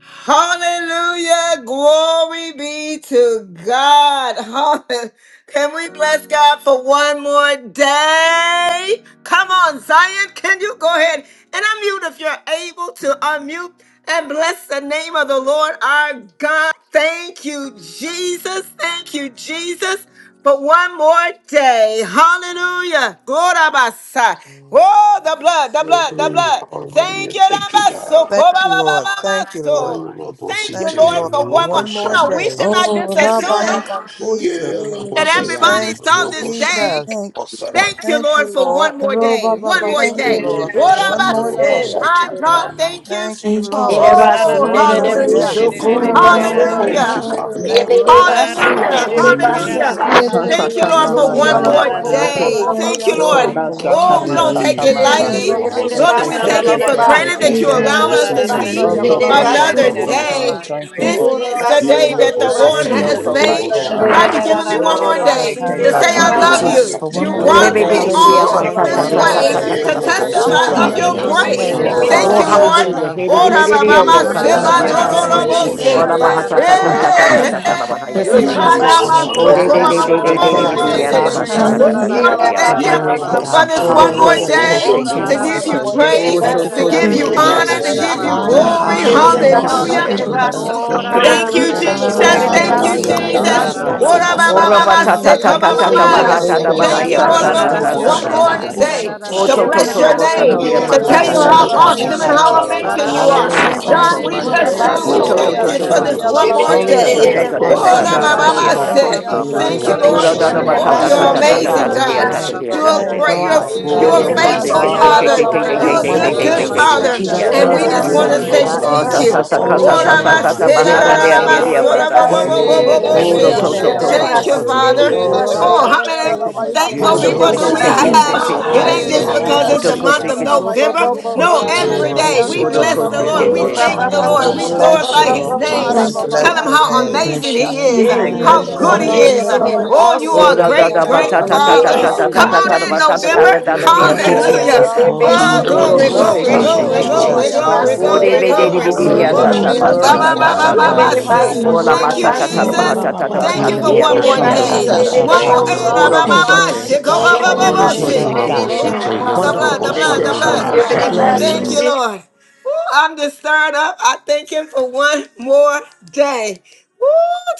[SPEAKER 1] Hallelujah. Glory be to God. Hallelujah. Can we bless God for one more day? Come on, Zion. Can you go ahead and unmute if you're able to unmute and bless the name of the Lord our God? Thank you, Jesus. Thank you, Jesus. But one more day. Hallelujah. Gorabasa. Oh, the blood, the blood, the
[SPEAKER 2] Hallelujah.
[SPEAKER 1] blood. Thank
[SPEAKER 2] Hallelujah.
[SPEAKER 1] you,
[SPEAKER 2] Thank you,
[SPEAKER 1] Rabaso.
[SPEAKER 2] God.
[SPEAKER 3] Thank you, Lord. Thank you, Lord.
[SPEAKER 1] Korabababamaso.
[SPEAKER 2] Oh,
[SPEAKER 1] Thank you,
[SPEAKER 3] Thank you,
[SPEAKER 2] Lobosite,
[SPEAKER 1] Lord,
[SPEAKER 3] Lord,
[SPEAKER 1] for
[SPEAKER 3] for
[SPEAKER 1] one more.
[SPEAKER 3] one
[SPEAKER 1] Come
[SPEAKER 3] more
[SPEAKER 1] on,
[SPEAKER 2] Loboshanda,
[SPEAKER 1] we
[SPEAKER 3] day.
[SPEAKER 1] should not
[SPEAKER 4] Oh,
[SPEAKER 1] just
[SPEAKER 2] Lobosataya.
[SPEAKER 4] Rabba
[SPEAKER 1] assume
[SPEAKER 3] Thank
[SPEAKER 4] Baba
[SPEAKER 3] you,
[SPEAKER 4] Koshi
[SPEAKER 2] Yeah,
[SPEAKER 3] Jesus.
[SPEAKER 1] that
[SPEAKER 4] Rebeya.
[SPEAKER 2] Lobosite,
[SPEAKER 1] everybody
[SPEAKER 3] Thank you,
[SPEAKER 1] saw this
[SPEAKER 2] Loboshanda,
[SPEAKER 1] day.
[SPEAKER 3] Jesus.
[SPEAKER 4] Thank you, God.
[SPEAKER 1] Thank
[SPEAKER 2] Lobosataya.
[SPEAKER 1] you,
[SPEAKER 3] Thank you,
[SPEAKER 1] Lord, for
[SPEAKER 3] Lord.
[SPEAKER 1] one
[SPEAKER 5] Rora
[SPEAKER 1] more
[SPEAKER 4] Roba
[SPEAKER 1] day.
[SPEAKER 6] For
[SPEAKER 1] One
[SPEAKER 4] Baba
[SPEAKER 1] more
[SPEAKER 3] Thank
[SPEAKER 6] one
[SPEAKER 3] you,
[SPEAKER 1] day.
[SPEAKER 6] more
[SPEAKER 4] Shiere
[SPEAKER 3] Lord,
[SPEAKER 2] Hallelujah.
[SPEAKER 3] for
[SPEAKER 4] Rebeya.
[SPEAKER 3] one
[SPEAKER 2] Shanda,
[SPEAKER 3] more
[SPEAKER 6] day,
[SPEAKER 3] day.
[SPEAKER 1] Gorabase.
[SPEAKER 4] Darabaya
[SPEAKER 2] Lobosataya,
[SPEAKER 1] My God,
[SPEAKER 4] Sata.
[SPEAKER 1] thank you.
[SPEAKER 3] Thank you,
[SPEAKER 7] Thank
[SPEAKER 2] Lobosite.
[SPEAKER 7] you,
[SPEAKER 3] Lord,
[SPEAKER 7] Jesus.
[SPEAKER 4] Hallelujah,
[SPEAKER 3] for
[SPEAKER 1] Oh,
[SPEAKER 8] Erebasunde
[SPEAKER 2] I
[SPEAKER 3] one
[SPEAKER 8] de
[SPEAKER 3] more
[SPEAKER 4] Jesus.
[SPEAKER 7] Hallelujah.
[SPEAKER 1] hallelujah.
[SPEAKER 2] praise
[SPEAKER 3] day.
[SPEAKER 2] your
[SPEAKER 8] buso
[SPEAKER 7] Thank you
[SPEAKER 2] name,
[SPEAKER 4] Oh,
[SPEAKER 7] for
[SPEAKER 4] Rabba
[SPEAKER 7] another
[SPEAKER 2] Lord.
[SPEAKER 3] Thank
[SPEAKER 4] Baba
[SPEAKER 7] day,
[SPEAKER 8] korabaseko.
[SPEAKER 3] you,
[SPEAKER 2] Thank you,
[SPEAKER 1] Hallelujah.
[SPEAKER 3] Lord.
[SPEAKER 4] Kanda
[SPEAKER 7] God.
[SPEAKER 2] Father
[SPEAKER 3] Thank
[SPEAKER 2] God.
[SPEAKER 3] you.
[SPEAKER 8] Bebede
[SPEAKER 4] Rebeya Haya.
[SPEAKER 8] basinde
[SPEAKER 1] Hallelujah.
[SPEAKER 8] de
[SPEAKER 7] Thank you,
[SPEAKER 2] Hallelujah.
[SPEAKER 6] thank you,
[SPEAKER 1] Hallelujah.
[SPEAKER 8] basapa.
[SPEAKER 7] Jesus.
[SPEAKER 4] Shiere
[SPEAKER 6] Father.
[SPEAKER 1] Thank you,
[SPEAKER 4] Rebeya
[SPEAKER 1] Lord,
[SPEAKER 9] Masakana
[SPEAKER 1] for
[SPEAKER 4] Siki
[SPEAKER 1] one
[SPEAKER 7] Hallelujah.
[SPEAKER 1] more
[SPEAKER 2] Hallelujah.
[SPEAKER 9] masakama
[SPEAKER 4] Alalabaya
[SPEAKER 9] yeke.
[SPEAKER 1] day.
[SPEAKER 3] Thank
[SPEAKER 1] Thank
[SPEAKER 3] you,
[SPEAKER 4] Darabaya
[SPEAKER 1] you,
[SPEAKER 9] Eke
[SPEAKER 1] Lord.
[SPEAKER 3] Lord,
[SPEAKER 8] Soko.
[SPEAKER 7] Thank
[SPEAKER 3] for
[SPEAKER 4] Sanda.
[SPEAKER 7] you,
[SPEAKER 3] one
[SPEAKER 7] my
[SPEAKER 1] Oh,
[SPEAKER 3] more
[SPEAKER 1] we
[SPEAKER 9] masakama
[SPEAKER 7] God.
[SPEAKER 1] don't
[SPEAKER 3] day.
[SPEAKER 1] take it
[SPEAKER 2] Hallelujah.
[SPEAKER 4] Shiere
[SPEAKER 9] sakamata.
[SPEAKER 2] Shanda,
[SPEAKER 1] lightly,
[SPEAKER 7] Hallelujah.
[SPEAKER 4] Rebeya
[SPEAKER 8] Bebede
[SPEAKER 1] nor do
[SPEAKER 9] Eke
[SPEAKER 4] Siki
[SPEAKER 1] we
[SPEAKER 9] ke
[SPEAKER 1] take
[SPEAKER 2] Lobosataya.
[SPEAKER 9] ke
[SPEAKER 8] basinde
[SPEAKER 1] it
[SPEAKER 8] de
[SPEAKER 1] for
[SPEAKER 9] ke
[SPEAKER 4] Alalabaya
[SPEAKER 8] ba.
[SPEAKER 9] ke
[SPEAKER 1] granted
[SPEAKER 9] ke
[SPEAKER 4] Sata.
[SPEAKER 1] that you
[SPEAKER 7] Thank
[SPEAKER 2] Yeah,
[SPEAKER 9] ke.
[SPEAKER 7] you,
[SPEAKER 4] Yere
[SPEAKER 1] allow
[SPEAKER 7] Lord.
[SPEAKER 1] us
[SPEAKER 8] Bebede
[SPEAKER 1] to
[SPEAKER 4] Rebeya
[SPEAKER 7] And
[SPEAKER 2] Lobosite,
[SPEAKER 1] see
[SPEAKER 7] then you
[SPEAKER 8] basunde
[SPEAKER 9] Oko
[SPEAKER 7] go,
[SPEAKER 8] de
[SPEAKER 9] ko
[SPEAKER 7] Lord.
[SPEAKER 9] ko
[SPEAKER 4] Dayalalabaya
[SPEAKER 9] ko
[SPEAKER 1] another
[SPEAKER 9] ko
[SPEAKER 8] basoko.
[SPEAKER 9] ko.
[SPEAKER 4] Soko.
[SPEAKER 2] Loboshanda,
[SPEAKER 1] day.
[SPEAKER 9] Thank you,
[SPEAKER 3] Lord,
[SPEAKER 7] Thank
[SPEAKER 1] This
[SPEAKER 7] you,
[SPEAKER 4] Oh,
[SPEAKER 9] Jesus.
[SPEAKER 8] Bebede
[SPEAKER 1] is
[SPEAKER 3] thank
[SPEAKER 4] Rabba
[SPEAKER 1] the
[SPEAKER 4] Baba
[SPEAKER 7] Jesus.
[SPEAKER 8] basunde
[SPEAKER 1] day that
[SPEAKER 8] de
[SPEAKER 1] the
[SPEAKER 4] Kanda
[SPEAKER 1] Lord
[SPEAKER 2] Yelobosita,
[SPEAKER 4] Yere
[SPEAKER 7] Thank
[SPEAKER 8] basoko.
[SPEAKER 1] has
[SPEAKER 7] you,
[SPEAKER 3] thank
[SPEAKER 9] Oshoko
[SPEAKER 4] Rebeya
[SPEAKER 3] you,
[SPEAKER 7] God.
[SPEAKER 1] made.
[SPEAKER 9] baya
[SPEAKER 3] Lord.
[SPEAKER 1] God, you've
[SPEAKER 9] kabata.
[SPEAKER 4] Dayalalabaya
[SPEAKER 1] given me one
[SPEAKER 2] Yeloboshandalobosata,
[SPEAKER 4] Ndo.
[SPEAKER 3] Lord
[SPEAKER 8] Bebede
[SPEAKER 1] more
[SPEAKER 3] of
[SPEAKER 1] day
[SPEAKER 9] Eke
[SPEAKER 1] to
[SPEAKER 3] Akanda.
[SPEAKER 1] say
[SPEAKER 8] basunde de
[SPEAKER 9] bata
[SPEAKER 1] I
[SPEAKER 7] Thank
[SPEAKER 10] Thank
[SPEAKER 7] you,
[SPEAKER 10] you,
[SPEAKER 1] love
[SPEAKER 4] Hayalalabaya
[SPEAKER 7] God.
[SPEAKER 1] you.
[SPEAKER 10] Jesus,
[SPEAKER 9] kabaya
[SPEAKER 8] basoko.
[SPEAKER 10] for
[SPEAKER 2] Andalobosata,
[SPEAKER 10] one
[SPEAKER 9] ke
[SPEAKER 1] You
[SPEAKER 10] more
[SPEAKER 11] Oh,
[SPEAKER 9] bata.
[SPEAKER 10] day.
[SPEAKER 1] brought
[SPEAKER 11] lebe de de
[SPEAKER 3] Thank
[SPEAKER 1] me
[SPEAKER 4] sitiyererebeya
[SPEAKER 3] you,
[SPEAKER 11] de de,
[SPEAKER 10] Hallelujah.
[SPEAKER 11] ama
[SPEAKER 8] Oh,
[SPEAKER 3] Lord,
[SPEAKER 1] all
[SPEAKER 2] Yelobosita,
[SPEAKER 11] ta
[SPEAKER 3] for
[SPEAKER 10] Thank
[SPEAKER 9] Eke
[SPEAKER 10] you,
[SPEAKER 8] love
[SPEAKER 11] ta
[SPEAKER 1] this
[SPEAKER 3] one
[SPEAKER 8] you,
[SPEAKER 11] ta
[SPEAKER 9] yes
[SPEAKER 3] more
[SPEAKER 11] ta
[SPEAKER 10] Jesus.
[SPEAKER 1] way
[SPEAKER 8] Lord.
[SPEAKER 11] ta
[SPEAKER 3] day.
[SPEAKER 9] Lord.
[SPEAKER 11] ta ta
[SPEAKER 4] sitiyalalabayandaya
[SPEAKER 1] to
[SPEAKER 11] ta ta ta
[SPEAKER 4] ererebeya
[SPEAKER 11] ta
[SPEAKER 10] You
[SPEAKER 1] testify
[SPEAKER 8] Oh,
[SPEAKER 2] Yelobosita,
[SPEAKER 11] ta ta ta
[SPEAKER 1] of
[SPEAKER 10] brought
[SPEAKER 7] Thank
[SPEAKER 4] haya.
[SPEAKER 7] you,
[SPEAKER 8] bebe
[SPEAKER 10] me
[SPEAKER 1] your
[SPEAKER 6] Thank
[SPEAKER 11] ta
[SPEAKER 10] all
[SPEAKER 6] you,
[SPEAKER 11] ta.
[SPEAKER 10] the
[SPEAKER 7] Jesus.
[SPEAKER 6] Lord
[SPEAKER 8] bebe
[SPEAKER 1] grace.
[SPEAKER 10] way.
[SPEAKER 9] Yes
[SPEAKER 6] Jesus.
[SPEAKER 8] bebe
[SPEAKER 9] Lord.
[SPEAKER 1] Thank
[SPEAKER 11] Oh,
[SPEAKER 4] Ora
[SPEAKER 1] you,
[SPEAKER 10] Holy
[SPEAKER 3] Yarabakara.
[SPEAKER 8] sapa.
[SPEAKER 10] is
[SPEAKER 1] Lord.
[SPEAKER 10] your
[SPEAKER 2] Yeloboshandalobosita,
[SPEAKER 11] hallelujah.
[SPEAKER 10] name,
[SPEAKER 11] Hey, di- di-
[SPEAKER 10] God.
[SPEAKER 4] babakandaya
[SPEAKER 11] di-
[SPEAKER 1] Ora
[SPEAKER 7] Yes,
[SPEAKER 11] di- di-
[SPEAKER 1] baba
[SPEAKER 11] oh,
[SPEAKER 7] God.
[SPEAKER 1] ma
[SPEAKER 11] mo-
[SPEAKER 1] se
[SPEAKER 11] kanda
[SPEAKER 5] Basta
[SPEAKER 11] da
[SPEAKER 1] ma
[SPEAKER 8] Jemene
[SPEAKER 11] ba
[SPEAKER 10] Wonderful
[SPEAKER 6] Hallelujah.
[SPEAKER 2] Yelobosita,
[SPEAKER 9] Yes
[SPEAKER 1] no
[SPEAKER 11] sa
[SPEAKER 1] no
[SPEAKER 9] Lord.
[SPEAKER 11] ta.
[SPEAKER 10] counselor
[SPEAKER 1] no
[SPEAKER 3] Thank
[SPEAKER 8] masinde
[SPEAKER 4] ererebeyandayalalabaya
[SPEAKER 10] is
[SPEAKER 1] bo
[SPEAKER 3] you,
[SPEAKER 10] your name,
[SPEAKER 11] Ola
[SPEAKER 8] de
[SPEAKER 1] se.
[SPEAKER 3] Lord.
[SPEAKER 11] ma
[SPEAKER 10] God.
[SPEAKER 11] ha ta- ta- ta-
[SPEAKER 8] basoko.
[SPEAKER 4] sitiyererebeya
[SPEAKER 11] ta-
[SPEAKER 2] Yeloboshandalobosata,
[SPEAKER 9] Yes
[SPEAKER 11] ta-
[SPEAKER 9] Lord.
[SPEAKER 11] ta-
[SPEAKER 1] Hey,
[SPEAKER 11] ta-
[SPEAKER 4] haya.
[SPEAKER 7] Thank
[SPEAKER 11] ta- la ba ha ya
[SPEAKER 10] Prince
[SPEAKER 11] da
[SPEAKER 7] you,
[SPEAKER 10] of
[SPEAKER 9] Asakana
[SPEAKER 1] hey,
[SPEAKER 11] sa
[SPEAKER 8] Bebede
[SPEAKER 11] te.
[SPEAKER 10] peace
[SPEAKER 7] Jesus.
[SPEAKER 10] is
[SPEAKER 1] mana
[SPEAKER 10] your
[SPEAKER 4] Glory,
[SPEAKER 10] name,
[SPEAKER 9] masakama.
[SPEAKER 8] basinde
[SPEAKER 11] Oh,
[SPEAKER 8] de
[SPEAKER 11] de-
[SPEAKER 1] masoko
[SPEAKER 10] God.
[SPEAKER 4] glory,
[SPEAKER 11] de-
[SPEAKER 1] ba
[SPEAKER 11] de-
[SPEAKER 1] ba ba
[SPEAKER 11] de-
[SPEAKER 1] ba
[SPEAKER 8] basoko.
[SPEAKER 11] de-
[SPEAKER 4] glory.
[SPEAKER 2] Yelobosandalobosata,
[SPEAKER 1] ba
[SPEAKER 11] de-
[SPEAKER 1] ba
[SPEAKER 11] de-
[SPEAKER 9] Eke
[SPEAKER 11] de- de-
[SPEAKER 1] ba
[SPEAKER 10] Everlasting
[SPEAKER 9] mana
[SPEAKER 11] de- da
[SPEAKER 1] se.
[SPEAKER 11] ba
[SPEAKER 10] Father
[SPEAKER 11] ha
[SPEAKER 10] is
[SPEAKER 11] ta-
[SPEAKER 2] Yelobosita,
[SPEAKER 4] Shayererebeya
[SPEAKER 10] your
[SPEAKER 9] koko.
[SPEAKER 11] ta-
[SPEAKER 1] Woo,
[SPEAKER 11] ta-
[SPEAKER 10] name.
[SPEAKER 11] ta-
[SPEAKER 9] Yes
[SPEAKER 3] Lord,
[SPEAKER 11] ta-
[SPEAKER 9] Lord.
[SPEAKER 7] Hallelujah.
[SPEAKER 11] ta-
[SPEAKER 1] Lord, we
[SPEAKER 11] de-
[SPEAKER 8] Ira
[SPEAKER 3] to
[SPEAKER 11] ya
[SPEAKER 8] ba
[SPEAKER 10] You're
[SPEAKER 1] thank
[SPEAKER 3] God.
[SPEAKER 8] ba
[SPEAKER 11] ka
[SPEAKER 1] you
[SPEAKER 11] de.
[SPEAKER 8] ba
[SPEAKER 10] worthy,
[SPEAKER 8] ba
[SPEAKER 4] sitiyalalabayanda.
[SPEAKER 9] Eke ma.
[SPEAKER 8] ba
[SPEAKER 1] for
[SPEAKER 10] God.
[SPEAKER 2] Yelobosita, Yeloboshandalobosata,
[SPEAKER 8] ba
[SPEAKER 1] this
[SPEAKER 11] Oh,
[SPEAKER 3] Thank
[SPEAKER 11] ro
[SPEAKER 8] ba
[SPEAKER 1] one
[SPEAKER 3] you
[SPEAKER 8] ba
[SPEAKER 11] ko
[SPEAKER 1] more
[SPEAKER 2] Yelobosita,
[SPEAKER 3] for
[SPEAKER 10] Hallelujah.
[SPEAKER 11] se
[SPEAKER 3] one
[SPEAKER 11] ke-
[SPEAKER 8] shaka.
[SPEAKER 10] Thank
[SPEAKER 1] day
[SPEAKER 10] you,
[SPEAKER 3] more
[SPEAKER 11] se
[SPEAKER 4] Ora
[SPEAKER 11] ke-
[SPEAKER 3] day.
[SPEAKER 1] to
[SPEAKER 11] ke.
[SPEAKER 1] give
[SPEAKER 3] One
[SPEAKER 10] Jesus.
[SPEAKER 1] you
[SPEAKER 9] Eke
[SPEAKER 2] Yeloboshandalobosata,
[SPEAKER 3] more
[SPEAKER 8] Give
[SPEAKER 9] yes
[SPEAKER 3] day,
[SPEAKER 8] it a
[SPEAKER 4] babakandaya
[SPEAKER 11] Oh,
[SPEAKER 3] oh
[SPEAKER 1] praise,
[SPEAKER 9] Lord.
[SPEAKER 10] Thank
[SPEAKER 11] so
[SPEAKER 10] you for
[SPEAKER 1] to
[SPEAKER 8] basso,
[SPEAKER 11] ko
[SPEAKER 3] God.
[SPEAKER 4] ererebeya
[SPEAKER 1] give
[SPEAKER 8] give
[SPEAKER 10] one
[SPEAKER 11] se
[SPEAKER 10] more
[SPEAKER 8] it
[SPEAKER 1] you
[SPEAKER 7] Thank you,
[SPEAKER 8] a
[SPEAKER 11] ke.
[SPEAKER 10] day.
[SPEAKER 1] honor, to
[SPEAKER 8] basso.
[SPEAKER 3] Thank
[SPEAKER 7] Jesus.
[SPEAKER 4] sitiyererebeya
[SPEAKER 2] Yelobosita,
[SPEAKER 1] give
[SPEAKER 3] you.
[SPEAKER 1] you
[SPEAKER 10] Your
[SPEAKER 4] haya.
[SPEAKER 7] Thank God,
[SPEAKER 11] Kingdom's
[SPEAKER 1] glory.
[SPEAKER 10] holler.
[SPEAKER 7] Lord.
[SPEAKER 8] Give
[SPEAKER 9] Yes
[SPEAKER 8] it a
[SPEAKER 11] house.
[SPEAKER 10] Thank you
[SPEAKER 9] Lord.
[SPEAKER 10] for
[SPEAKER 11] Et
[SPEAKER 7] Shande,
[SPEAKER 8] basso,
[SPEAKER 1] Hallelujah.
[SPEAKER 7] you,
[SPEAKER 8] give
[SPEAKER 11] ya
[SPEAKER 8] it a
[SPEAKER 10] waking
[SPEAKER 4] Hallelujah,
[SPEAKER 10] me
[SPEAKER 7] know, Lord.
[SPEAKER 10] up,
[SPEAKER 8] basso.
[SPEAKER 9] Hashatana
[SPEAKER 4] Jesus,
[SPEAKER 10] Lord.
[SPEAKER 7] Shande, you,
[SPEAKER 1] Thank you,
[SPEAKER 4] glory.
[SPEAKER 10] Thank you for
[SPEAKER 8] Give
[SPEAKER 1] Jesus.
[SPEAKER 8] it a
[SPEAKER 4] Roba
[SPEAKER 10] allowing
[SPEAKER 9] Eke
[SPEAKER 10] me
[SPEAKER 1] Thank
[SPEAKER 10] to
[SPEAKER 1] you,
[SPEAKER 10] see
[SPEAKER 8] basso, give it
[SPEAKER 10] another
[SPEAKER 9] basaka
[SPEAKER 8] a
[SPEAKER 10] day
[SPEAKER 1] Jesus.
[SPEAKER 7] know,
[SPEAKER 10] I've
[SPEAKER 4] babandaya.
[SPEAKER 8] basso.
[SPEAKER 10] not
[SPEAKER 7] Lord.
[SPEAKER 6] Hallelujah.
[SPEAKER 9] manana
[SPEAKER 10] seen
[SPEAKER 1] Ora ba
[SPEAKER 11] Oh,
[SPEAKER 1] ma
[SPEAKER 11] ra
[SPEAKER 10] before.
[SPEAKER 9] basaka.
[SPEAKER 1] ma
[SPEAKER 7] Shande,
[SPEAKER 11] ba
[SPEAKER 2] Yelobosandalobosata,
[SPEAKER 1] ma
[SPEAKER 7] you,
[SPEAKER 11] ta-
[SPEAKER 7] know,
[SPEAKER 11] ta-
[SPEAKER 1] se
[SPEAKER 11] ta-
[SPEAKER 4] Hayalalabaya
[SPEAKER 1] ka
[SPEAKER 7] Lord.
[SPEAKER 11] ta-
[SPEAKER 10] Thank
[SPEAKER 1] ma
[SPEAKER 10] you
[SPEAKER 1] ma
[SPEAKER 11] ta-
[SPEAKER 8] Give
[SPEAKER 10] for
[SPEAKER 8] it
[SPEAKER 11] ta-
[SPEAKER 8] a
[SPEAKER 10] your
[SPEAKER 1] ma
[SPEAKER 11] ba
[SPEAKER 4] sataya
[SPEAKER 11] ha
[SPEAKER 1] ya.
[SPEAKER 2] Yeah,
[SPEAKER 10] love.
[SPEAKER 11] ta-
[SPEAKER 8] basso,
[SPEAKER 11] da
[SPEAKER 8] give
[SPEAKER 10] Thank
[SPEAKER 9] Eke
[SPEAKER 10] you
[SPEAKER 11] ba
[SPEAKER 8] it
[SPEAKER 10] for
[SPEAKER 4] ererebeya
[SPEAKER 11] ha
[SPEAKER 1] Thank
[SPEAKER 8] a
[SPEAKER 11] ya
[SPEAKER 1] you,
[SPEAKER 10] your
[SPEAKER 11] da
[SPEAKER 2] Bosita,
[SPEAKER 1] Lord,
[SPEAKER 4] sataya
[SPEAKER 2] you're
[SPEAKER 9] basaka
[SPEAKER 11] sa-
[SPEAKER 8] basso.
[SPEAKER 10] grace.
[SPEAKER 1] for
[SPEAKER 11] sa-
[SPEAKER 2] the
[SPEAKER 10] Thank
[SPEAKER 1] this
[SPEAKER 11] sa-
[SPEAKER 10] you for
[SPEAKER 11] sa-
[SPEAKER 9] manana
[SPEAKER 2] boss
[SPEAKER 1] one
[SPEAKER 10] your
[SPEAKER 11] sa-
[SPEAKER 4] lalabayanda.
[SPEAKER 2] under
[SPEAKER 1] more
[SPEAKER 11] sa.
[SPEAKER 2] the
[SPEAKER 12] Amen.
[SPEAKER 9] basaka
[SPEAKER 10] kindness.
[SPEAKER 2] boss
[SPEAKER 6] Hallelujah.
[SPEAKER 1] day
[SPEAKER 3] Thank you,
[SPEAKER 11] Oh,
[SPEAKER 9] basa.
[SPEAKER 1] to
[SPEAKER 11] to-
[SPEAKER 2] attire.
[SPEAKER 4] Oh,
[SPEAKER 8] Shim
[SPEAKER 11] to-
[SPEAKER 3] Jesus.
[SPEAKER 8] in a
[SPEAKER 1] bless
[SPEAKER 11] to- ro
[SPEAKER 1] your
[SPEAKER 11] bo
[SPEAKER 8] masso,
[SPEAKER 11] sa
[SPEAKER 4] glory,
[SPEAKER 11] no
[SPEAKER 1] name,
[SPEAKER 11] de
[SPEAKER 8] give
[SPEAKER 11] ya
[SPEAKER 9] Hoko
[SPEAKER 2] Yeah,
[SPEAKER 8] it
[SPEAKER 11] ma
[SPEAKER 8] a
[SPEAKER 1] to
[SPEAKER 4] glory.
[SPEAKER 2] the
[SPEAKER 11] sa-
[SPEAKER 10] You're
[SPEAKER 1] tell
[SPEAKER 9] manda
[SPEAKER 1] you
[SPEAKER 11] sa-
[SPEAKER 5] ya.
[SPEAKER 2] boss
[SPEAKER 8] basso.
[SPEAKER 11] sa-
[SPEAKER 4] Siara
[SPEAKER 1] how
[SPEAKER 10] holy,
[SPEAKER 2] under the
[SPEAKER 4] la
[SPEAKER 11] sa-
[SPEAKER 9] koko
[SPEAKER 11] sa.
[SPEAKER 10] God.
[SPEAKER 2] wo
[SPEAKER 10] You're
[SPEAKER 1] awesome and
[SPEAKER 9] manda
[SPEAKER 4] bayanda ya
[SPEAKER 3] Yeah,
[SPEAKER 1] how
[SPEAKER 4] la
[SPEAKER 10] righteous,
[SPEAKER 4] la
[SPEAKER 2] attire,
[SPEAKER 3] thank
[SPEAKER 2] the
[SPEAKER 10] God.
[SPEAKER 1] amazing
[SPEAKER 9] kalase.
[SPEAKER 3] you,
[SPEAKER 1] you
[SPEAKER 5] Barara
[SPEAKER 3] Lord.
[SPEAKER 4] bayaha.
[SPEAKER 8] Shim
[SPEAKER 1] are.
[SPEAKER 8] in
[SPEAKER 10] Hallelujah.
[SPEAKER 8] a
[SPEAKER 2] Bosita.
[SPEAKER 10] King of
[SPEAKER 3] This
[SPEAKER 9] Oko
[SPEAKER 1] God,
[SPEAKER 5] kaşere
[SPEAKER 3] is
[SPEAKER 8] masso,
[SPEAKER 1] we
[SPEAKER 5] de
[SPEAKER 10] kings
[SPEAKER 3] the
[SPEAKER 8] give
[SPEAKER 10] and the
[SPEAKER 9] manda
[SPEAKER 1] bless
[SPEAKER 3] day
[SPEAKER 10] Lord
[SPEAKER 1] you
[SPEAKER 3] that
[SPEAKER 5] kerere de
[SPEAKER 1] and
[SPEAKER 10] of
[SPEAKER 4] Yere
[SPEAKER 3] the
[SPEAKER 11] Oh,
[SPEAKER 1] we
[SPEAKER 9] kaka
[SPEAKER 5] de
[SPEAKER 2] Well,
[SPEAKER 4] de
[SPEAKER 11] to
[SPEAKER 5] de
[SPEAKER 2] the
[SPEAKER 10] lords.
[SPEAKER 3] Lord
[SPEAKER 11] to
[SPEAKER 3] has
[SPEAKER 5] de
[SPEAKER 1] thank
[SPEAKER 9] manda
[SPEAKER 11] to
[SPEAKER 5] de
[SPEAKER 1] you
[SPEAKER 2] boss
[SPEAKER 4] beyasi
[SPEAKER 11] to
[SPEAKER 5] de
[SPEAKER 1] for
[SPEAKER 3] made.
[SPEAKER 11] to.
[SPEAKER 2] under the
[SPEAKER 5] ba.
[SPEAKER 1] this
[SPEAKER 4] kia la
[SPEAKER 9] kalase.
[SPEAKER 1] one
[SPEAKER 3] We
[SPEAKER 4] la
[SPEAKER 3] will
[SPEAKER 2] boss
[SPEAKER 1] more
[SPEAKER 10] Holy
[SPEAKER 2] attire,
[SPEAKER 11] ta
[SPEAKER 10] is your
[SPEAKER 11] ta
[SPEAKER 3] rejoice
[SPEAKER 2] the
[SPEAKER 1] day.
[SPEAKER 8] it
[SPEAKER 11] ta
[SPEAKER 4] bayando.
[SPEAKER 3] and
[SPEAKER 10] name.
[SPEAKER 8] a
[SPEAKER 3] be
[SPEAKER 11] ta
[SPEAKER 9] Eke
[SPEAKER 11] ta ta ta
[SPEAKER 10] Wonderful
[SPEAKER 3] glad.
[SPEAKER 11] ta
[SPEAKER 8] basso. de in a little basso,
[SPEAKER 1] Ora
[SPEAKER 11] ta
[SPEAKER 8] give
[SPEAKER 9] manda
[SPEAKER 1] ba
[SPEAKER 11] ta
[SPEAKER 10] counselor
[SPEAKER 2] Bosita.
[SPEAKER 11] ta
[SPEAKER 1] ma
[SPEAKER 8] it
[SPEAKER 4] Hay
[SPEAKER 10] is
[SPEAKER 8] a
[SPEAKER 1] ma
[SPEAKER 10] your
[SPEAKER 11] dia
[SPEAKER 4] la
[SPEAKER 9] koko
[SPEAKER 11] ta
[SPEAKER 4] la
[SPEAKER 10] name.
[SPEAKER 3] Thank
[SPEAKER 11] ta
[SPEAKER 3] you
[SPEAKER 1] se.
[SPEAKER 11] dia.
[SPEAKER 3] for
[SPEAKER 9] koka
[SPEAKER 4] bayanda
[SPEAKER 2] Yeah,
[SPEAKER 3] this
[SPEAKER 1] Thank
[SPEAKER 10] Prince
[SPEAKER 2] the
[SPEAKER 1] you,
[SPEAKER 9] maka
[SPEAKER 10] of
[SPEAKER 4] yere
[SPEAKER 3] one
[SPEAKER 11] Oh,
[SPEAKER 4] de
[SPEAKER 2] boss
[SPEAKER 1] Lord.
[SPEAKER 10] peace
[SPEAKER 11] da
[SPEAKER 3] day,
[SPEAKER 11] da
[SPEAKER 10] is
[SPEAKER 8] Shim
[SPEAKER 10] your
[SPEAKER 11] da
[SPEAKER 2] under the
[SPEAKER 11] ba
[SPEAKER 4] beyanda
[SPEAKER 8] de
[SPEAKER 3] Lord.
[SPEAKER 8] a
[SPEAKER 4] ya
[SPEAKER 10] name.
[SPEAKER 11] ta
[SPEAKER 3] This
[SPEAKER 1] Oh,
[SPEAKER 4] la
[SPEAKER 11] ta
[SPEAKER 2] boss
[SPEAKER 4] la
[SPEAKER 11] ta
[SPEAKER 9] kaka
[SPEAKER 1] you're
[SPEAKER 3] one
[SPEAKER 8] masso,
[SPEAKER 11] ta ta
[SPEAKER 10] Everlasting
[SPEAKER 3] more
[SPEAKER 2] attire,
[SPEAKER 8] give
[SPEAKER 11] ta
[SPEAKER 9] kama.
[SPEAKER 8] it
[SPEAKER 11] ta
[SPEAKER 1] amazing,
[SPEAKER 10] Father
[SPEAKER 3] day.
[SPEAKER 11] ta
[SPEAKER 2] the
[SPEAKER 10] is
[SPEAKER 4] bayanda.
[SPEAKER 10] your
[SPEAKER 11] dia
[SPEAKER 1] God.
[SPEAKER 11] ta ta
[SPEAKER 10] name.
[SPEAKER 11] dia
[SPEAKER 2] Bosita.
[SPEAKER 11] ta
[SPEAKER 1] You're
[SPEAKER 11] ta
[SPEAKER 1] a
[SPEAKER 9] Eke
[SPEAKER 4] Robo
[SPEAKER 11] dia.
[SPEAKER 3] Thank
[SPEAKER 1] great.
[SPEAKER 10] You're
[SPEAKER 3] you,
[SPEAKER 1] You're
[SPEAKER 4] baka
[SPEAKER 3] Lord
[SPEAKER 10] awesome,
[SPEAKER 9] masaka.
[SPEAKER 2] Well,
[SPEAKER 4] yere
[SPEAKER 11] Oh,
[SPEAKER 3] God,
[SPEAKER 1] you're
[SPEAKER 10] God.
[SPEAKER 2] the
[SPEAKER 1] a
[SPEAKER 4] de
[SPEAKER 10] You're
[SPEAKER 11] no,
[SPEAKER 7] Mhm.
[SPEAKER 3] that
[SPEAKER 9] Thank
[SPEAKER 11] ko
[SPEAKER 2] boss
[SPEAKER 3] you
[SPEAKER 9] you,
[SPEAKER 11] se
[SPEAKER 2] under
[SPEAKER 1] faithful
[SPEAKER 10] mighty,
[SPEAKER 2] the
[SPEAKER 4] beyasi
[SPEAKER 11] ke
[SPEAKER 9] Lord.
[SPEAKER 3] brought
[SPEAKER 11] se
[SPEAKER 4] kia
[SPEAKER 3] us
[SPEAKER 11] ke
[SPEAKER 10] God.
[SPEAKER 4] la
[SPEAKER 2] boss
[SPEAKER 11] ke
[SPEAKER 4] la
[SPEAKER 1] Father.
[SPEAKER 11] ke de
[SPEAKER 2] attire,
[SPEAKER 3] to
[SPEAKER 11] de
[SPEAKER 9] Thank
[SPEAKER 1] You're
[SPEAKER 4] bayashi
[SPEAKER 1] a
[SPEAKER 2] the
[SPEAKER 11] de
[SPEAKER 9] you,
[SPEAKER 11] de
[SPEAKER 1] good,
[SPEAKER 11] de
[SPEAKER 3] another
[SPEAKER 10] Wonderful
[SPEAKER 1] good
[SPEAKER 11] de
[SPEAKER 4] yere
[SPEAKER 9] Lord.
[SPEAKER 4] de
[SPEAKER 9] You-
[SPEAKER 3] day.
[SPEAKER 11] de de
[SPEAKER 10] counselor.
[SPEAKER 2] Bosita.
[SPEAKER 1] Father.
[SPEAKER 9] Thank
[SPEAKER 11] de
[SPEAKER 9] you,
[SPEAKER 4] beyanda
[SPEAKER 10] King
[SPEAKER 4] ya
[SPEAKER 10] of
[SPEAKER 11] dia
[SPEAKER 4] la
[SPEAKER 11] ta
[SPEAKER 1] And
[SPEAKER 9] Lord.
[SPEAKER 4] la
[SPEAKER 3] One
[SPEAKER 10] kings
[SPEAKER 11] ta
[SPEAKER 1] we
[SPEAKER 9] You
[SPEAKER 10] and
[SPEAKER 3] that
[SPEAKER 10] the
[SPEAKER 11] ta
[SPEAKER 9] are
[SPEAKER 2] Yeah,
[SPEAKER 1] just
[SPEAKER 3] we
[SPEAKER 11] ta.
[SPEAKER 10] Lord
[SPEAKER 1] want to
[SPEAKER 7] Thank
[SPEAKER 2] the
[SPEAKER 3] have
[SPEAKER 10] of
[SPEAKER 7] you,
[SPEAKER 9] mighty
[SPEAKER 1] say
[SPEAKER 2] boss
[SPEAKER 9] God.
[SPEAKER 3] not
[SPEAKER 10] lords.
[SPEAKER 4] bayasanda.
[SPEAKER 7] Jesus.
[SPEAKER 2] under
[SPEAKER 11] Oh,
[SPEAKER 2] the
[SPEAKER 9] You
[SPEAKER 1] thank
[SPEAKER 11] sa
[SPEAKER 9] are
[SPEAKER 3] seen
[SPEAKER 1] you.
[SPEAKER 11] ta
[SPEAKER 2] boss
[SPEAKER 11] ta ta
[SPEAKER 9] awesome
[SPEAKER 10] Holy
[SPEAKER 11] ta
[SPEAKER 3] before.
[SPEAKER 10] is
[SPEAKER 2] attire,
[SPEAKER 9] God.
[SPEAKER 10] your
[SPEAKER 4] Oh,
[SPEAKER 11] ta
[SPEAKER 1] Ora
[SPEAKER 2] the
[SPEAKER 11] ta ta
[SPEAKER 10] name.
[SPEAKER 11] ta
[SPEAKER 9] You are
[SPEAKER 1] basera
[SPEAKER 11] ba
[SPEAKER 4] randa
[SPEAKER 10] You're
[SPEAKER 11] ha
[SPEAKER 3] Thank
[SPEAKER 1] na
[SPEAKER 11] da
[SPEAKER 1] na
[SPEAKER 2] Bosita.
[SPEAKER 3] you,
[SPEAKER 9] loving
[SPEAKER 11] dia
[SPEAKER 1] na
[SPEAKER 10] worthy,
[SPEAKER 3] Lord
[SPEAKER 11] ne
[SPEAKER 9] God.
[SPEAKER 4] ye.
[SPEAKER 9] You
[SPEAKER 11] dia
[SPEAKER 10] God.
[SPEAKER 11] ba
[SPEAKER 1] masora
[SPEAKER 11] ta
[SPEAKER 9] are
[SPEAKER 1] bo
[SPEAKER 9] kind
[SPEAKER 3] God.
[SPEAKER 11] ta.
[SPEAKER 1] bo
[SPEAKER 3] Thank
[SPEAKER 10] Worthy
[SPEAKER 1] bo
[SPEAKER 9] God.
[SPEAKER 1] bo
[SPEAKER 2] Roll
[SPEAKER 10] to
[SPEAKER 3] you.
[SPEAKER 10] be
[SPEAKER 1] bo
[SPEAKER 4] Yere
[SPEAKER 9] Thank
[SPEAKER 1] bo
[SPEAKER 4] de
[SPEAKER 3] Thank
[SPEAKER 9] you
[SPEAKER 11] Oh,
[SPEAKER 3] you,
[SPEAKER 9] for
[SPEAKER 11] no,
[SPEAKER 1] se.
[SPEAKER 10] praised.
[SPEAKER 11] to
[SPEAKER 4] beyanda
[SPEAKER 11] to
[SPEAKER 9] watching
[SPEAKER 3] Jesus.
[SPEAKER 4] ya
[SPEAKER 9] us.
[SPEAKER 11] to
[SPEAKER 4] la la
[SPEAKER 11] to
[SPEAKER 1] Thank
[SPEAKER 11] ba
[SPEAKER 9] Thank
[SPEAKER 1] you,
[SPEAKER 11] ko se.
[SPEAKER 4] bayasoko
[SPEAKER 9] you
[SPEAKER 1] Father.
[SPEAKER 9] for
[SPEAKER 4] yere
[SPEAKER 3] Oh,
[SPEAKER 9] healing,
[SPEAKER 4] de
[SPEAKER 9] Lord.
[SPEAKER 1] Oh, how
[SPEAKER 4] beyanda ya la
[SPEAKER 9] Thank
[SPEAKER 1] many
[SPEAKER 4] la
[SPEAKER 9] you
[SPEAKER 3] God.
[SPEAKER 9] for
[SPEAKER 10] My
[SPEAKER 1] thankful
[SPEAKER 11] Oh,
[SPEAKER 9] deliverance.
[SPEAKER 11] da ba
[SPEAKER 1] people
[SPEAKER 10] soul
[SPEAKER 4] bayahaya.
[SPEAKER 9] Thank
[SPEAKER 1] do
[SPEAKER 11] ko
[SPEAKER 1] we
[SPEAKER 9] you,
[SPEAKER 11] se
[SPEAKER 10] says
[SPEAKER 13] good,
[SPEAKER 9] Lord.
[SPEAKER 13] good
[SPEAKER 11] ke
[SPEAKER 10] yes,
[SPEAKER 7] Thank
[SPEAKER 11] se
[SPEAKER 1] have?
[SPEAKER 9] Thank
[SPEAKER 10] God.
[SPEAKER 7] you,
[SPEAKER 9] you
[SPEAKER 11] se
[SPEAKER 13] Father,
[SPEAKER 9] for
[SPEAKER 11] se.
[SPEAKER 2] Yelobosandalobosata,
[SPEAKER 1] It
[SPEAKER 3] Ay,
[SPEAKER 9] letting
[SPEAKER 1] ain't
[SPEAKER 4] Ye
[SPEAKER 9] me
[SPEAKER 7] Jesus.
[SPEAKER 3] ay,
[SPEAKER 10] Hallelujah.
[SPEAKER 1] just
[SPEAKER 13] and
[SPEAKER 9] walk
[SPEAKER 13] we
[SPEAKER 3] ay,
[SPEAKER 13] just
[SPEAKER 1] because
[SPEAKER 10] Thank
[SPEAKER 4] derebeya
[SPEAKER 3] da,
[SPEAKER 11] Oh,
[SPEAKER 10] you,
[SPEAKER 1] it's
[SPEAKER 13] want
[SPEAKER 11] to
[SPEAKER 3] da,
[SPEAKER 1] the
[SPEAKER 13] to
[SPEAKER 9] in peace.
[SPEAKER 3] da,
[SPEAKER 11] ko
[SPEAKER 4] siki
[SPEAKER 13] say
[SPEAKER 1] month
[SPEAKER 2] yelobosita.
[SPEAKER 3] da,
[SPEAKER 11] se
[SPEAKER 1] of
[SPEAKER 10] Jesus.
[SPEAKER 11] ke
[SPEAKER 3] da.
[SPEAKER 11] se.
[SPEAKER 13] thank
[SPEAKER 9] Thank
[SPEAKER 13] you.
[SPEAKER 4] yalalabaya
[SPEAKER 1] November.
[SPEAKER 9] you, Lord.
[SPEAKER 4] soko
[SPEAKER 9] In
[SPEAKER 10] Thank
[SPEAKER 13] Lord,
[SPEAKER 1] No,
[SPEAKER 10] you,
[SPEAKER 13] I
[SPEAKER 4] ye
[SPEAKER 9] the
[SPEAKER 3] We
[SPEAKER 1] every
[SPEAKER 13] must
[SPEAKER 9] name
[SPEAKER 13] say,
[SPEAKER 3] give you-
[SPEAKER 10] Jesus.
[SPEAKER 9] of
[SPEAKER 1] day we
[SPEAKER 4] derebeyanda
[SPEAKER 11] Oh,
[SPEAKER 13] I
[SPEAKER 2] Yelobosita,
[SPEAKER 11] no,
[SPEAKER 3] that.
[SPEAKER 9] Jesus.
[SPEAKER 1] bless
[SPEAKER 11] ko
[SPEAKER 1] the
[SPEAKER 3] yeah.
[SPEAKER 11] se
[SPEAKER 9] Yes,
[SPEAKER 1] Lord.
[SPEAKER 11] ke
[SPEAKER 1] We
[SPEAKER 10] Glory
[SPEAKER 9] Lord.
[SPEAKER 10] to
[SPEAKER 4] yalalabayando.
[SPEAKER 10] your
[SPEAKER 1] thank
[SPEAKER 11] se.
[SPEAKER 1] the
[SPEAKER 9] In
[SPEAKER 10] name,
[SPEAKER 9] the
[SPEAKER 1] Lord.
[SPEAKER 3] we
[SPEAKER 9] name
[SPEAKER 1] We
[SPEAKER 10] Jesus.
[SPEAKER 9] of
[SPEAKER 3] bless
[SPEAKER 10] Bless
[SPEAKER 2] yelobosandalobosata,
[SPEAKER 3] you,
[SPEAKER 9] Jesus.
[SPEAKER 1] glorify
[SPEAKER 10] your
[SPEAKER 1] his
[SPEAKER 3] Lord
[SPEAKER 10] name,
[SPEAKER 1] name.
[SPEAKER 3] God.
[SPEAKER 4] Hara
[SPEAKER 10] Jesus.
[SPEAKER 3] We
[SPEAKER 9] Thank
[SPEAKER 7] Thank
[SPEAKER 9] you,
[SPEAKER 2] yelobosita.
[SPEAKER 1] Tell
[SPEAKER 9] Lord.
[SPEAKER 1] him
[SPEAKER 3] bless
[SPEAKER 4] babaka
[SPEAKER 3] your
[SPEAKER 1] how
[SPEAKER 4] ye
[SPEAKER 7] you,
[SPEAKER 3] name.
[SPEAKER 1] amazing
[SPEAKER 10] Bless your
[SPEAKER 4] derebeya
[SPEAKER 1] he
[SPEAKER 10] name.
[SPEAKER 1] is,
[SPEAKER 4] siki
[SPEAKER 9] Thank
[SPEAKER 4] ye
[SPEAKER 9] you,
[SPEAKER 7] Hallelujah.
[SPEAKER 1] how
[SPEAKER 3] Bless
[SPEAKER 10] Hallelujah.
[SPEAKER 3] your
[SPEAKER 9] Lord.
[SPEAKER 1] good he
[SPEAKER 10] Thank
[SPEAKER 9] Who
[SPEAKER 10] you,
[SPEAKER 1] truly
[SPEAKER 5] Robo,
[SPEAKER 4] derebeyanda
[SPEAKER 3] name, oh
[SPEAKER 9] shall
[SPEAKER 1] is.
[SPEAKER 10] Jesus.
[SPEAKER 8] Amazing
[SPEAKER 3] God.
[SPEAKER 5] bebek,
[SPEAKER 8] and
[SPEAKER 9] come?
[SPEAKER 4] yalalabaya
[SPEAKER 1] Oh, you
[SPEAKER 5] kesik,
[SPEAKER 4] soko
[SPEAKER 11] Oh,
[SPEAKER 8] awesome
[SPEAKER 1] are a
[SPEAKER 11] da
[SPEAKER 8] God.
[SPEAKER 4] ye
[SPEAKER 5] kesik,
[SPEAKER 11] da
[SPEAKER 9] Yes,
[SPEAKER 5] ra
[SPEAKER 1] great,
[SPEAKER 11] da
[SPEAKER 5] ra
[SPEAKER 11] ba
[SPEAKER 3] Thank
[SPEAKER 5] ra
[SPEAKER 9] God.
[SPEAKER 1] great
[SPEAKER 11] ta
[SPEAKER 3] you,
[SPEAKER 5] ra
[SPEAKER 4] derebeya
[SPEAKER 11] ta ta
[SPEAKER 9] You
[SPEAKER 4] siki
[SPEAKER 11] ta
[SPEAKER 5] ra
[SPEAKER 9] are
[SPEAKER 1] Father.
[SPEAKER 11] ta
[SPEAKER 3] Jesus.
[SPEAKER 5] ra
[SPEAKER 4] ye
[SPEAKER 11] ta
[SPEAKER 5] ra ra ra ra ra
[SPEAKER 8] Amazing
[SPEAKER 11] ta
[SPEAKER 5] ra ra ra ra
[SPEAKER 1] Come
[SPEAKER 9] awesome,
[SPEAKER 8] God.
[SPEAKER 11] ta
[SPEAKER 7] Thank you,
[SPEAKER 4] derebeya
[SPEAKER 11] ta da
[SPEAKER 9] God.
[SPEAKER 1] on in,
[SPEAKER 11] ba ta
[SPEAKER 7] Jesus.
[SPEAKER 11] ta ta
[SPEAKER 1] November.
[SPEAKER 4] sanda.
[SPEAKER 11] ta ta
[SPEAKER 9] You are
[SPEAKER 11] da
[SPEAKER 7] Hallelujah.
[SPEAKER 5] ra
[SPEAKER 11] dea
[SPEAKER 9] God
[SPEAKER 5] ra
[SPEAKER 8] Oh,
[SPEAKER 10] Thank
[SPEAKER 3] Ee,
[SPEAKER 11] na
[SPEAKER 10] you,
[SPEAKER 5] ra
[SPEAKER 11] da
[SPEAKER 9] that
[SPEAKER 3] ah,
[SPEAKER 5] ra
[SPEAKER 3] da,
[SPEAKER 11] dea
[SPEAKER 4] O
[SPEAKER 1] Hallelujah.
[SPEAKER 3] ba,
[SPEAKER 11] ta
[SPEAKER 9] came
[SPEAKER 10] Jesus.
[SPEAKER 3] ka,
[SPEAKER 11] ta.
[SPEAKER 9] out,
[SPEAKER 3] da,
[SPEAKER 10] Glory to
[SPEAKER 4] rababaka
[SPEAKER 1] Oh,
[SPEAKER 10] your name,
[SPEAKER 4] ye
[SPEAKER 11] Oro
[SPEAKER 1] glory,
[SPEAKER 11] ko
[SPEAKER 7] Hallelujah.
[SPEAKER 5] Ro
[SPEAKER 10] Jesus.
[SPEAKER 11] se
[SPEAKER 1] glory,
[SPEAKER 9] God.
[SPEAKER 5] he
[SPEAKER 2] Sandalobosata,
[SPEAKER 11] ke
[SPEAKER 10] Bless
[SPEAKER 7] Thank
[SPEAKER 5] ne
[SPEAKER 10] your
[SPEAKER 7] you,
[SPEAKER 11] se
[SPEAKER 4] derebeyanda
[SPEAKER 3] ba,
[SPEAKER 5] me
[SPEAKER 1] glory,
[SPEAKER 10] name,
[SPEAKER 11] ke
[SPEAKER 5] he
[SPEAKER 3] da,
[SPEAKER 11] se.
[SPEAKER 1] glory,
[SPEAKER 8] human
[SPEAKER 5] se
[SPEAKER 7] Jesus.
[SPEAKER 10] Jesus.
[SPEAKER 8] in
[SPEAKER 3] ba,
[SPEAKER 5] ke
[SPEAKER 4] yalalabayanda.
[SPEAKER 2] yelobosita.
[SPEAKER 1] glory,
[SPEAKER 5] le re
[SPEAKER 3] ka,
[SPEAKER 5] re
[SPEAKER 3] da.
[SPEAKER 11] Ore
[SPEAKER 5] ra
[SPEAKER 1] glory,
[SPEAKER 9] Praise
[SPEAKER 11] be de
[SPEAKER 10] You're
[SPEAKER 5] ba.
[SPEAKER 9] you,
[SPEAKER 11] de be
[SPEAKER 1] glory.
[SPEAKER 11] de
[SPEAKER 10] holy,
[SPEAKER 1] Woo!
[SPEAKER 4] Ye
[SPEAKER 11] dea
[SPEAKER 9] glorify
[SPEAKER 11] sa
[SPEAKER 10] God.
[SPEAKER 9] you.
[SPEAKER 10] You're
[SPEAKER 11] sa
[SPEAKER 7] Thank
[SPEAKER 11] sa
[SPEAKER 4] derebeya
[SPEAKER 6] Hallelujah.
[SPEAKER 1] Ba,
[SPEAKER 11] sa
[SPEAKER 7] you,
[SPEAKER 3] Glory
[SPEAKER 10] righteous,
[SPEAKER 1] ba,
[SPEAKER 11] sa
[SPEAKER 4] siki
[SPEAKER 1] ba,
[SPEAKER 11] sa
[SPEAKER 9] Thank
[SPEAKER 10] God.
[SPEAKER 5] Ba
[SPEAKER 1] ba,
[SPEAKER 11] sa
[SPEAKER 10] You
[SPEAKER 1] ba,
[SPEAKER 2] Yelobosandalobosata,
[SPEAKER 10] are
[SPEAKER 5] ka
[SPEAKER 11] sa.
[SPEAKER 4] yalalabaya
[SPEAKER 10] my
[SPEAKER 1] ba,
[SPEAKER 5] se
[SPEAKER 8] my
[SPEAKER 5] ke
[SPEAKER 10] peace,
[SPEAKER 1] see.
[SPEAKER 5] re
[SPEAKER 4] haya
[SPEAKER 5] ke
[SPEAKER 11] Ola
[SPEAKER 10] God.
[SPEAKER 5] ra
[SPEAKER 11] ma
[SPEAKER 1] Thank
[SPEAKER 5] ra
[SPEAKER 2] yelobosita.
[SPEAKER 1] you,
[SPEAKER 5] ra
[SPEAKER 11] ta
[SPEAKER 4] glory
[SPEAKER 5] ra
[SPEAKER 11] ta ta
[SPEAKER 5] ke
[SPEAKER 11] da ba
[SPEAKER 8] son,
[SPEAKER 5] re
[SPEAKER 11] ha
[SPEAKER 5] re
[SPEAKER 1] Jesus.
[SPEAKER 11] ta
[SPEAKER 4] glory.
[SPEAKER 5] ke
[SPEAKER 11] ta da
[SPEAKER 5] ra
[SPEAKER 7] God.
[SPEAKER 11] ba
[SPEAKER 6] Thank
[SPEAKER 5] ra
[SPEAKER 1] Thank
[SPEAKER 11] ta
[SPEAKER 10] Ru-ba-ba-ba-ba-cha.
[SPEAKER 1] you
[SPEAKER 11] da
[SPEAKER 5] ba
[SPEAKER 1] for
[SPEAKER 4] Thank
[SPEAKER 6] you,
[SPEAKER 11] dea
[SPEAKER 1] one
[SPEAKER 4] you,
[SPEAKER 5] so
[SPEAKER 11] na
[SPEAKER 8] Debede
[SPEAKER 5] ra
[SPEAKER 11] da
[SPEAKER 1] more
[SPEAKER 5] ra
[SPEAKER 10] You
[SPEAKER 11] dea
[SPEAKER 10] are
[SPEAKER 5] ra
[SPEAKER 10] my
[SPEAKER 5] ra
[SPEAKER 11] sa
[SPEAKER 1] day.
[SPEAKER 11] sa
[SPEAKER 5] ba
[SPEAKER 8] basunde
[SPEAKER 11] sa
[SPEAKER 4] Jesus.
[SPEAKER 5] ha.
[SPEAKER 8] de
[SPEAKER 11] sa.
[SPEAKER 8] de
[SPEAKER 1] One
[SPEAKER 2] Yelobosandalobosata,
[SPEAKER 1] more.
[SPEAKER 10] salvation.
[SPEAKER 4] Oh,
[SPEAKER 1] eh,
[SPEAKER 9] you,
[SPEAKER 1] ba,
[SPEAKER 9] Lord.
[SPEAKER 6] Jesus.
[SPEAKER 11] Oro
[SPEAKER 8] basuko.
[SPEAKER 1] ba,
[SPEAKER 4] Rabba
[SPEAKER 11] bo
[SPEAKER 10] You're
[SPEAKER 1] ba,
[SPEAKER 7] Thank
[SPEAKER 11] ko
[SPEAKER 7] you,
[SPEAKER 1] ba,
[SPEAKER 2] yelobosita.
[SPEAKER 11] se.
[SPEAKER 4] Mama,
[SPEAKER 10] worthy,
[SPEAKER 1] see.
[SPEAKER 7] Jesus.
[SPEAKER 1] Go,
[SPEAKER 4] she
[SPEAKER 10] God.
[SPEAKER 5] Go
[SPEAKER 1] ba,
[SPEAKER 5] ra
[SPEAKER 1] ba,
[SPEAKER 4] and
[SPEAKER 5] re
[SPEAKER 1] ba,
[SPEAKER 8] Shibine
[SPEAKER 4] the
[SPEAKER 10] Holy
[SPEAKER 5] ke
[SPEAKER 7] Hallelujah.
[SPEAKER 11] Oro
[SPEAKER 1] ba,
[SPEAKER 10] is
[SPEAKER 6] Thank
[SPEAKER 5] re
[SPEAKER 11] ko
[SPEAKER 10] your
[SPEAKER 4] Nene
[SPEAKER 5] ke
[SPEAKER 1] see.
[SPEAKER 11] se
[SPEAKER 10] name,
[SPEAKER 8] masunde
[SPEAKER 5] ra.
[SPEAKER 11] ke
[SPEAKER 8] de
[SPEAKER 6] you,
[SPEAKER 4] Kanda
[SPEAKER 10] God.
[SPEAKER 11] se.
[SPEAKER 8] de
[SPEAKER 1] Woo!
[SPEAKER 8] de
[SPEAKER 2] Yelobosita,
[SPEAKER 8] de
[SPEAKER 5] Glory,
[SPEAKER 1] The
[SPEAKER 6] Jesus.
[SPEAKER 10] Wonderful
[SPEAKER 8] bosuko.
[SPEAKER 1] blood, the
[SPEAKER 5] glory.
[SPEAKER 4] Namana
[SPEAKER 5] Ha
[SPEAKER 9] Thank
[SPEAKER 1] blood,
[SPEAKER 10] counselor
[SPEAKER 1] the
[SPEAKER 11] Oro
[SPEAKER 5] ya
[SPEAKER 9] you,
[SPEAKER 10] is your
[SPEAKER 5] ba
[SPEAKER 11] ko
[SPEAKER 1] blood.
[SPEAKER 5] ba
[SPEAKER 10] name.
[SPEAKER 5] ba
[SPEAKER 10] The
[SPEAKER 5] ba
[SPEAKER 2] yelobosandalobosata,
[SPEAKER 10] blood
[SPEAKER 5] ba
[SPEAKER 10] of
[SPEAKER 5] re
[SPEAKER 9] Lord.
[SPEAKER 10] Jesus.
[SPEAKER 1] Thank
[SPEAKER 5] re
[SPEAKER 2] yelobosita.
[SPEAKER 1] you,
[SPEAKER 7] Yes,
[SPEAKER 1] Lord. Woo, I'm just stirred up. I thank Him for one more day. Woo,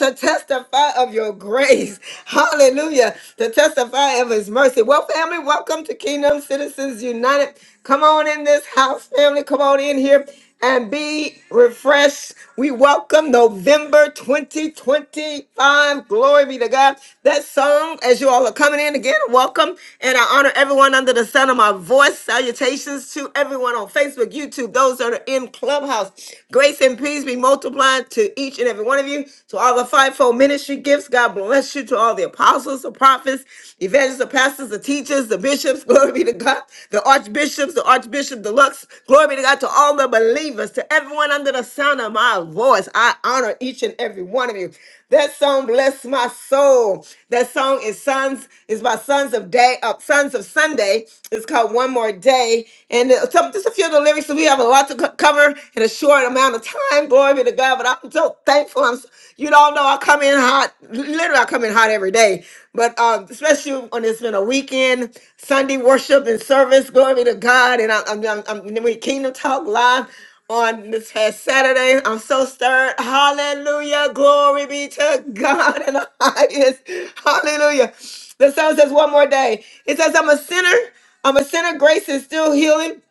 [SPEAKER 1] to testify of your grace. Hallelujah. To testify of His mercy. Well, family, welcome to Kingdom Citizens United. Come on in this house, family. Come on in here and be refreshed. We welcome November 2025. Glory be to God. That song, as you all are coming in again, welcome. And I honor everyone under the sound of my voice. Salutations to everyone on Facebook, YouTube, those that are in Clubhouse. Grace and peace be multiplied to each and every one of you. To all the fivefold ministry gifts, God bless you. To all the apostles, the prophets, evangelists, the pastors, the teachers, the bishops, glory be to God. The archbishops, the archbishop deluxe, glory be to God. To all the believers believers, to everyone under the sound of my voice. I honor each and every one of you. That song bless my soul. That song is sons is by Sons of Day, uh, Sons of Sunday. It's called One More Day, and uh, some, just a few of the lyrics. We have a lot to co- cover in a short amount of time. Glory be to God. But I'm so thankful. I'm so- you don't know I come in hot. Literally, I come in hot every day. But um, especially when it's been a weekend, Sunday worship and service. Glory be to God. And I, I'm, I'm, I'm, and then we Kingdom Talk Live on this past Saturday. I'm so stirred. Hallelujah. Glory be to God in the highest. Hallelujah. The song says one more day. It says, I'm a sinner. I'm a sinner. Grace is still healing.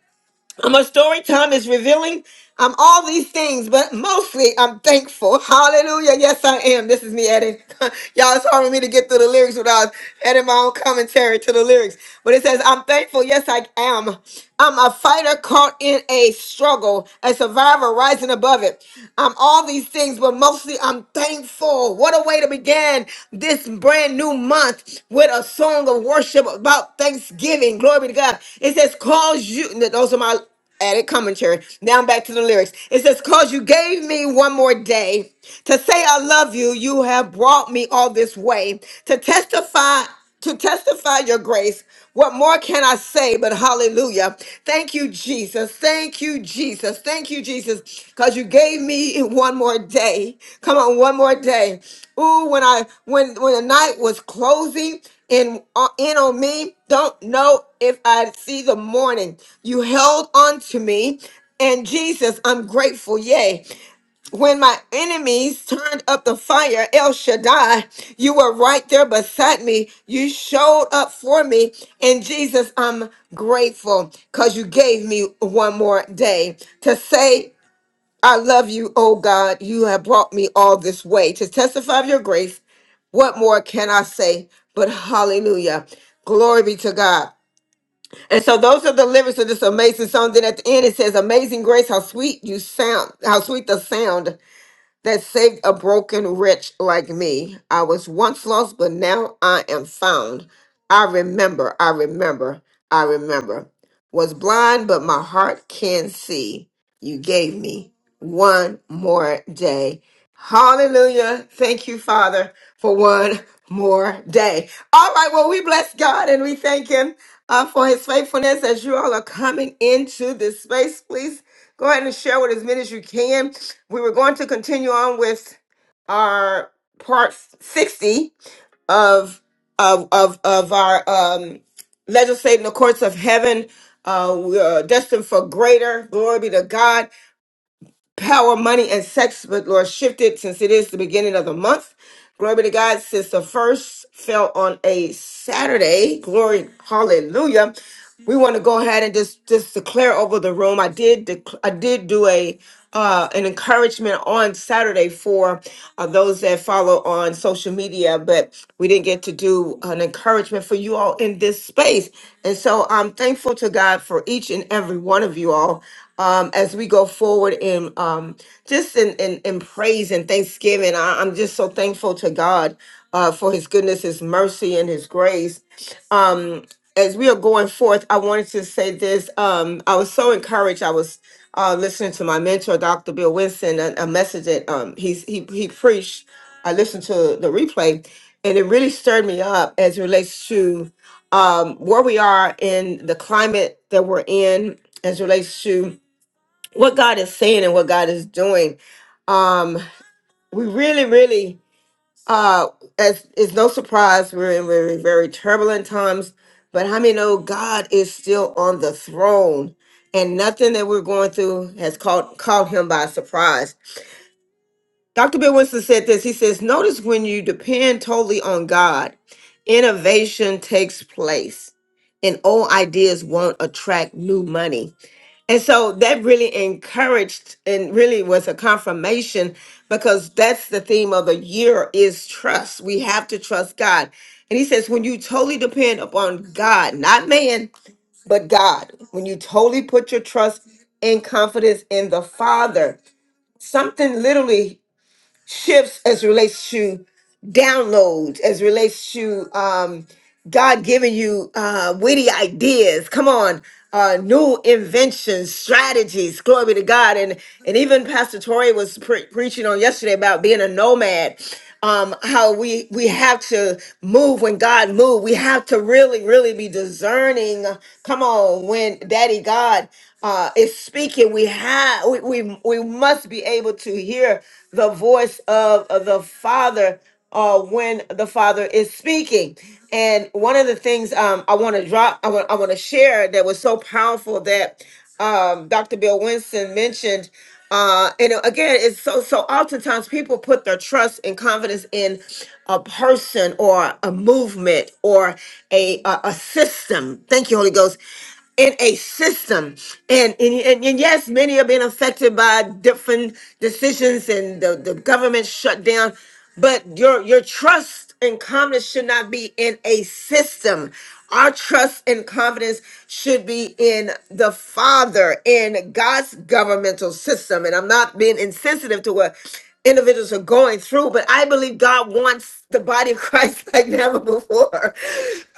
[SPEAKER 1] I'm a story. Time is revealing. I'm all these things, but mostly I'm thankful. Hallelujah. Yes, I am. This is me adding. Y'all, it's hard for me to get through the lyrics without adding my own commentary to the lyrics. But it says, I'm thankful. Yes, I am. I'm a fighter caught in a struggle, a survivor rising above it. I'm all these things, but mostly I'm thankful. What a way to begin this brand new month with a song of worship about thanksgiving. Glory be to God. It says, cause you. Those are my added commentary. Now back to the lyrics. It says, Cause you gave me one more day to say I love you, you have brought me all this way to testify. To testify your grace, what more can I say but hallelujah? Thank you, Jesus. Thank you, Jesus. Thank you, Jesus, because you gave me one more day. Come on, one more day. Ooh, when I when when the night was closing in uh, in on me, don't know if I'd see the morning. You held on to me, and Jesus, I'm grateful. Yay! When my enemies turned up the fire, El Shaddai, you were right there beside me. You showed up for me, and Jesus, I'm grateful because you gave me one more day to say I love you, oh God. You have brought me all this way to testify of your grace what more can I say? But hallelujah. Glory be to God. And so those are the lyrics of this amazing song. Then at the end it says, Amazing grace, how sweet you sound, how sweet the sound that saved a broken wretch like me. I was once lost, but now I am found. I remember, I remember, I remember. Was blind, but my heart can see. You gave me one more day. Hallelujah. Thank you, Father, for one more day. All right, well, we bless God and we thank Him uh, for His faithfulness as you all are coming into this space. Please go ahead and share with as many as you can we were going to continue on with our part 60 of of of, of our um legislating the courts of heaven uh we are destined for greater glory be to god power, money, and sex, but Lord, shifted since it is the beginning of the month. Glory be to God, since the first fell on a Saturday. Glory, hallelujah. We want to go ahead and just just declare over the room. I did dec- I did do a uh, an encouragement on Saturday for uh, those that follow on social media, but we didn't get to do an encouragement for you all in this space. And so I'm thankful to God for each and every one of you all um, as we go forward in um, just in, in, in praise and thanksgiving. I, I'm just so thankful to God uh, for his goodness, his mercy, and his grace. Um, as we are going forth, I wanted to say this. Um, I was so encouraged. I was uh, listening to my mentor, Dr. Bill Winston, a, a message that um, he's, he, he preached. I listened to the replay, and it really stirred me up as it relates to um, where we are in the climate that we're in, as it relates to what God is saying and what God is doing. Um, we really, really, uh, as it's no surprise, we're in very, very turbulent times. But how many know God is still on the throne, and nothing that we're going through has caught caught Him by surprise. Dr. Bill Winston said this. He says, "Notice when you depend totally on God, innovation takes place, and old ideas won't attract new money." And so that really encouraged and really was a confirmation because that's the theme of the year is trust. We have to trust God. And he says, when you totally depend upon God, not man, but God, when you totally put your trust and confidence in the Father, something literally shifts as it relates to downloads, as it relates to um, God giving you uh, witty ideas. Come on, uh, new inventions, strategies. Glory be to God. And and even Pastor Tori was pre- preaching on yesterday about being a nomad. Um, how we we have to move when God move. We have to really, really be discerning. Come on, when Daddy God uh, is speaking, we have we, we we must be able to hear the voice of, of the Father uh, when the Father is speaking. And one of the things um, I want to drop, I want I want to share that was so powerful that um, Dr. Bill Winston mentioned. Uh, and again, it's so so. Oftentimes, people put their trust and confidence in a person or a movement or a a, a system. Thank you, Holy Ghost in a system and and, and, and yes many are being affected by different decisions and the, the government shutdown but your your trust and confidence should not be in a system our trust and confidence should be in the father in god's governmental system and i'm not being insensitive to what individuals are going through, but I believe God wants the body of Christ like never before.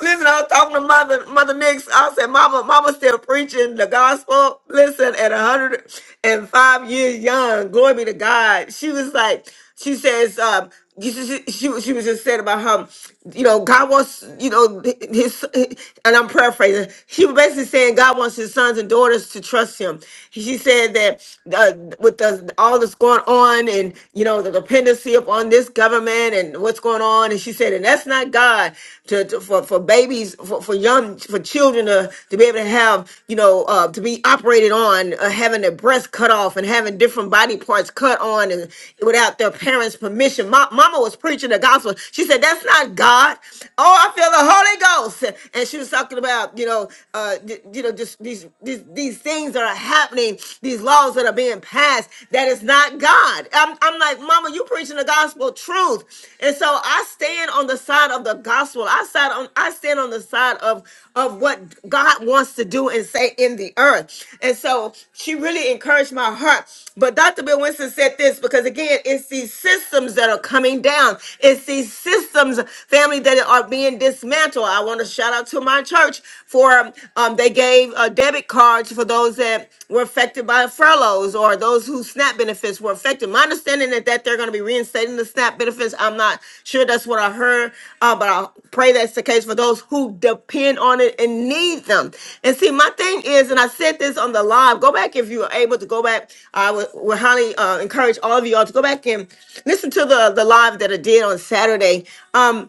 [SPEAKER 1] Listen, I was talking to Mother Mother Nix. I said, Mama, Mama still preaching the gospel. Listen, at 105 years young, glory be to God. She was like, she says, um, you should- she, she, was- she was just saying about how, you know, God wants, you know, his, and I'm paraphrasing. She was basically saying God wants his sons and daughters to trust him. She said that uh, with the, all that's going on and, you know, the dependency upon this government and what's going on. And she said, and that's not God to, to for, for babies, for, for young, for children to, to be able to have, you know, uh, uh, to be operated on, uh, having their breasts cut off and having different body parts cut on and without their parents' permission. My, mama was preaching the gospel. She said, That's not God. Oh, I feel the Holy Ghost. And she was talking about, you know, uh, d- you know, just these, these these things that are happening, these laws that are being passed, that is not God. I'm, I'm like, Mama, you preaching the gospel truth. And so I stand on the side of the gospel. I side on I stand on the side of of what God wants to do and say in the earth. And so she really encouraged my heart. But Dr. Bill Winston said this because again, it's these systems that are coming down. It's these systems, family, that are being dismantled. I want to shout out to my church for um, they gave uh, debit cards for those that that were affected by furloughs or those whose SNAP benefits were affected. My understanding is that they're going to be reinstating the SNAP benefits. I'm not sure that's what I heard, uh, but I pray that's the case for those who depend on it and need them. And see, my thing is, and I said this on the live, go back if you are able to go back. I would, would highly uh, encourage all of you all to go back and listen to the, the live that I did on Saturday. Um,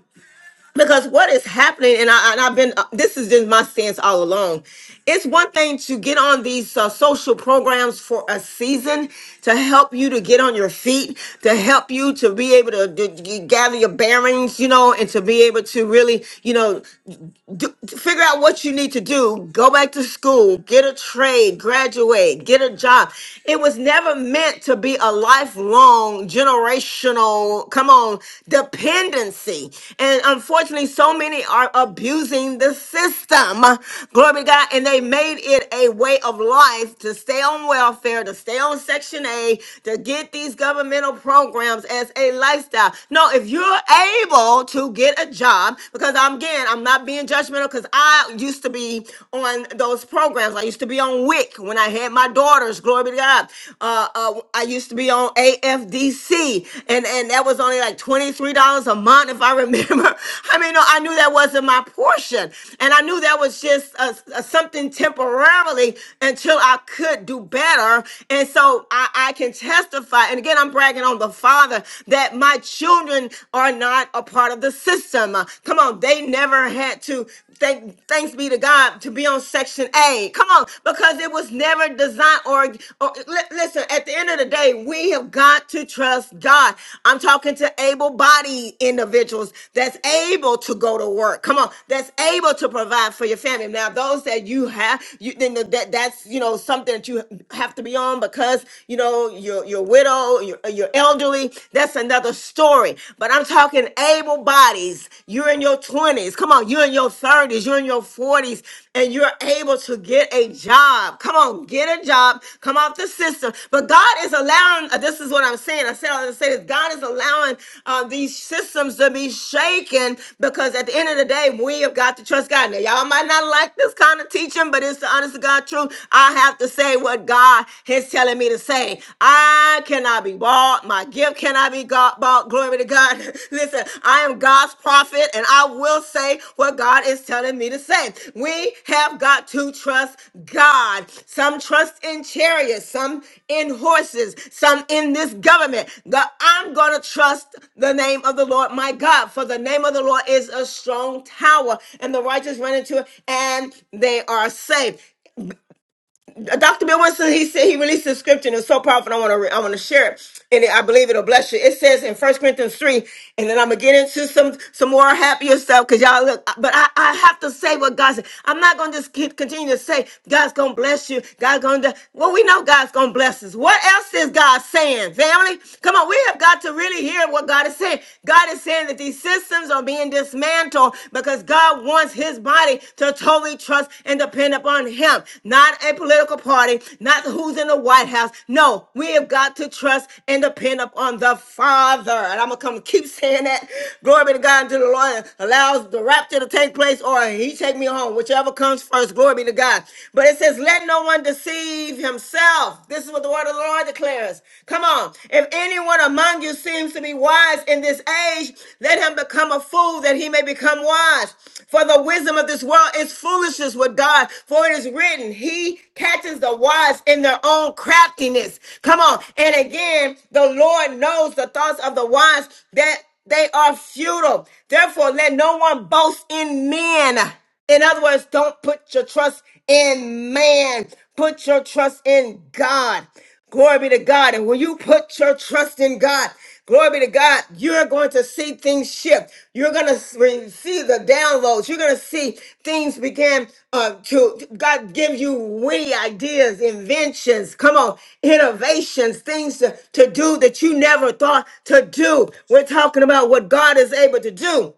[SPEAKER 1] because what is happening and, I, and i've been uh, this is just my stance all along it's one thing to get on these uh, social programs for a season to help you to get on your feet to help you to be able to, to g- gather your bearings you know and to be able to really you know do, figure out what you need to do go back to school get a trade graduate get a job it was never meant to be a lifelong generational come on dependency and unfortunately so many are abusing the system glory be to god and they made it a way of life to stay on welfare to stay on section A, to get these governmental programs as a lifestyle no if you're able to get get a job because I'm again, I'm not being judgmental because I used to be on those programs. I used to be on WIC when I had my daughters. Glory be to God. Uh, uh, I used to be on AFDC, and and that was only like twenty three dollars a month, if I remember. I mean, no, I knew that wasn't my portion, and I knew that was just a, a something temporarily until I could do better. And so I, I can testify, and again, I'm bragging on the Father that my my children are not a part of the system. Uh, Come on, they never had to thank thanks be to God to be on section A. Come on, because it was never designed or, or li- listen, at the end of the day, we have got to trust God. I'm talking to able-bodied individuals that's able to go to work. Come on, that's able to provide for your family. Now, those that you have, you then that that's you know something that you have to be on because you know you're you're widowed widow, you're, you're elderly. That's another story. But I'm talking able bodies. You're in your 20s. Come on, you're in your 30s, you're in your 40s, and you're able to get a job. Come on, get a job. Come off the system. But God is allowing, uh, this is what I'm saying. I said, I was saying, God is allowing uh, these systems to be shaken because at the end of the day, we have got to trust God. Now, y'all might not like this kind of teaching, but it's the honest to God truth. I have to say what God God is telling me to say. I cannot be bought. My gift cannot be got, bought. Glory to God. Listen, I am God's prophet and I will say what God is telling me to say. We have got to trust God. Some trust in chariots, some in horses, some in this government. God, I'm going to trust the name of the Lord my God, for the name of the Lord is a strong tower, and the righteous run into it and they are saved. Dr. Bill Winston, he said he released a scripture and it's so powerful. I want to I want to share it, and I believe it'll bless you. It says in First Corinthians three, and then I'm gonna get into some some more happier stuff because y'all look. But I, I have to say what God said. I'm not gonna just keep continue to say God's gonna bless you. God's gonna do. Well, we know God's gonna bless us. What else is God saying, family? Come on, we have got to really hear what God is saying. God is saying that these systems are being dismantled because God wants his body to totally trust and depend upon him, not a political party, not who's in the White House. No, we have got to trust and depend upon the Father. And I'm going to come keep saying that. Glory be to God until the Lord allows the rapture to take place or he take me home, whichever comes first. Glory be to God. But it says, let no one deceive himself. This is what the word of the Lord declares. Come on. If anyone among you seems to be wise in this age, let him become a fool that he may become wise. For the wisdom of this world is foolishness with God. For it is written, He catches the wise in their own craftiness. Come on. And again, the Lord knows the thoughts of the wise that they are futile. Therefore, let no one boast in men. In other words, don't put your trust in man. Put your trust in God. Glory be to God. And when you put your trust in God, glory be to God, you're going to see things shift. You're going to see the downloads. You're going to see things begin uh, to, God gives you witty ideas, inventions, come on, innovations, things to, to do that you never thought to do. We're talking about what God is able to do.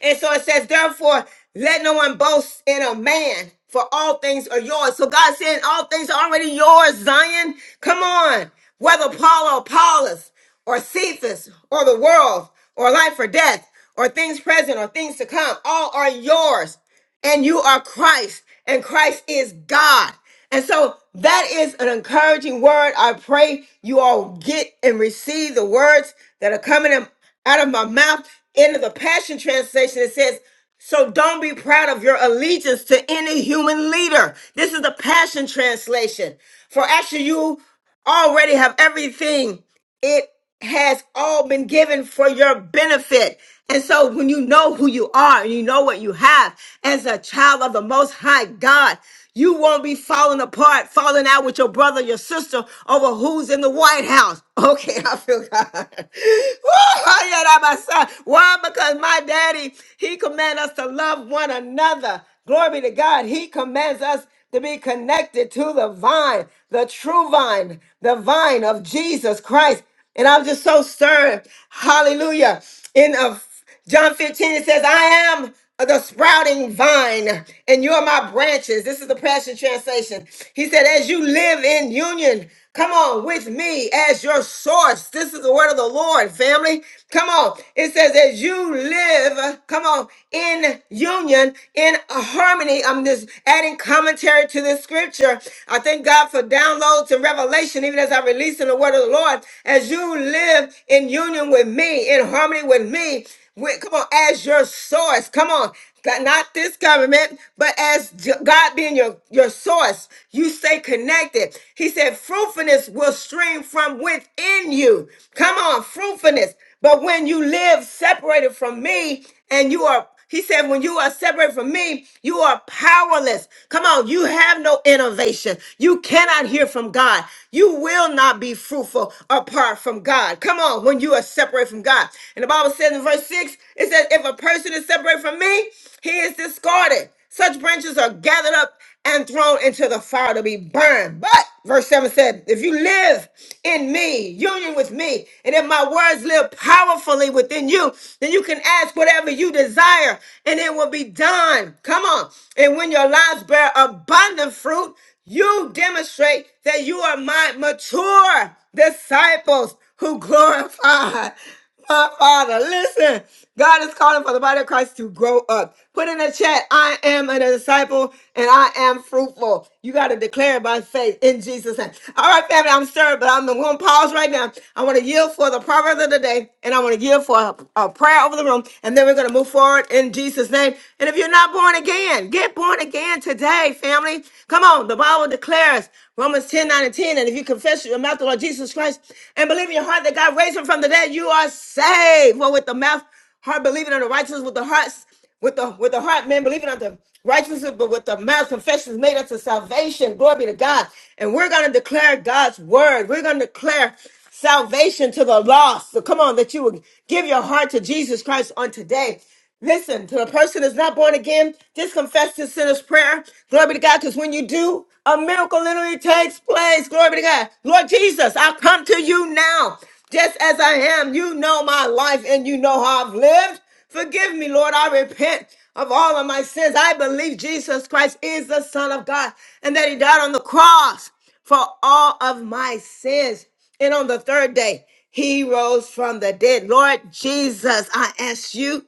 [SPEAKER 1] And so it says, therefore, let no one boast in a man, for all things are yours. So God saying, all things are already yours, Zion. Come on. Whether Paul or Paulus or Cephas or the world or life or death or things present or things to come, all are yours. And you are Christ, and Christ is God. And so that is an encouraging word. I pray you all get and receive the words that are coming in- out of my mouth in the Passion Translation, it says, So don't be proud of your allegiance to any human leader. This is the Passion Translation. For actually, you already have everything, it has all been given for your benefit. And so, when you know who you are and you know what you have as a child of the Most High God, you won't be falling apart, falling out with your brother, your sister over who's in the White House. Okay, I feel God. Woo, I had that my son. Why? Because my daddy, he commands us to love one another. Glory be to God. He commands us to be connected to the vine, the true vine, the vine of Jesus Christ. And I'm just so stirred. Hallelujah. In a John 15 it says, I am the sprouting vine, and you're my branches. This is the Passion Translation. He said, As you live in union, come on, with me as your source. This is the word of the Lord, family. Come on. It says, As you live, come on, in union, in harmony. I'm just adding commentary to this scripture. I thank God for downloads and revelation, even as I release in the word of the Lord. As you live in union with me, in harmony with me, when- come on, as your source. Come on, God- not this government, but as J- God being your, your source, you stay connected. He said, fruitfulness will stream from within you. Come on, fruitfulness. But when you live separated from me and you are he said, when you are separate from me, you are powerless. Come on, you have no innovation. You cannot hear from God. You will not be fruitful apart from God. Come on, when you are separate from God. And the Bible says in verse 6, it says, if a person is separate from me, he is discarded. Such branches are gathered up and thrown into the fire to be burned. But verse 7 said, If you live in me, union with me, and if my words live powerfully within you, then you can ask whatever you desire and it will be done. Come on. And when your lives bear abundant fruit, you demonstrate that you are my mature disciples who glorify. My Father, listen. God is calling for the body of Christ to grow up. Put in the chat, I am a disciple and I am fruitful. You got to declare it by faith in Jesus' name. All right, family, I'm stirred, but I'm going to pause right now. I want to yield for the proverb of the day and I want to yield for a, a prayer over the room. And then we're going to move forward in Jesus' name. And if you're not born again, get born again today, family. Come on. The Bible declares Romans 10 9 and 10. And if you you confess with your mouth the Lord Jesus Christ and believe in your heart that God raised him from the dead, you are saved. For with the mouth, heart believing on the righteousness, with the hearts, with the with the heart, man believing on the righteousness, but with the mouth, confession is made unto salvation. Glory be to God. And we're gonna declare God's word. We're gonna declare salvation to the lost. So come on, that you would give your heart to Jesus Christ on today. Listen, to a person that's not born again, just confess your sinner's prayer. Glory be to God, because when you do, a miracle literally takes place. Glory be to God. Lord Jesus, I come to you now, just as I am. You know my life and you know how I've lived. Forgive me, Lord. I repent of all of my sins. I believe Jesus Christ is the Son of God and that He died on the cross for all of my sins. And on the third day, he rose from the dead. Lord Jesus, I ask you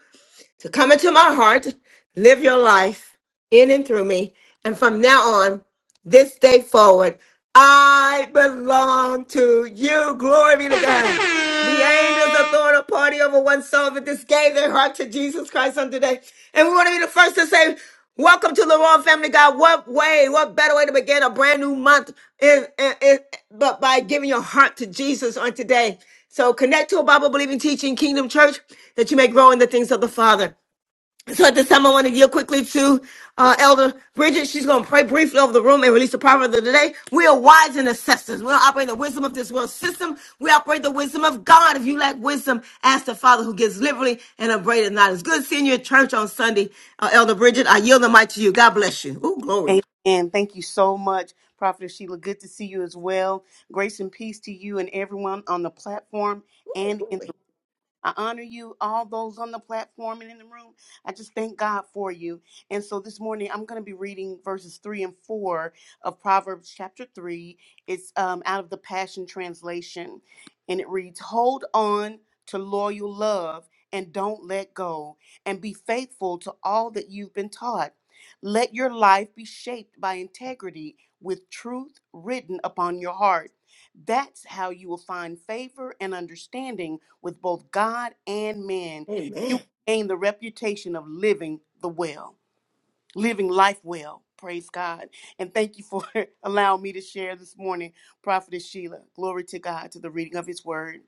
[SPEAKER 1] to come into my heart, live your life in and through me. And from now on, this day forward, I belong to you. Glory be to God. The angels are throwing a party over one soul that just gave their heart to Jesus Christ on today. And we want to be the first to say, Welcome to the Royal Family God. What way, what better way to begin a brand new month is, is, is- but by giving your heart to Jesus on today. So connect to a Bible believing teaching kingdom church that you may grow in the things of the Father. So at this time, I want to yield quickly to uh, Elder Bridget. She's going to pray briefly over the room and release the proverb of the day. We are wise and assessors. We don't operate the wisdom of this world system. We operate the wisdom of God. If you lack wisdom, ask the Father who gives liberally and upbraideth not. It's good seeing you at church on Sunday, uh, Elder Bridget. I yield the mic to you. God bless you. Oh, glory.
[SPEAKER 12] Thank you so much, Prophet Sheila. Good to see you as well. Grace and peace to you and everyone on the platform and in
[SPEAKER 1] Glory.
[SPEAKER 12] I honor you, all those on the platform and in the room. I just thank God for you. And so this morning, I'm going to be reading verses three and four of Proverbs chapter three. It's um, out of the Passion Translation. And it reads Hold on to loyal love and don't let go, and be faithful to all that you've been taught. Let your life be shaped by integrity with truth written upon your heart. That's how you will find favor and understanding with both God and men, you
[SPEAKER 1] Amen.
[SPEAKER 12] will gain the reputation of living the well living life well. Praise God. And thank you for allowing me to share this morning, Prophetess Sheila. Glory to God, to the reading of his word.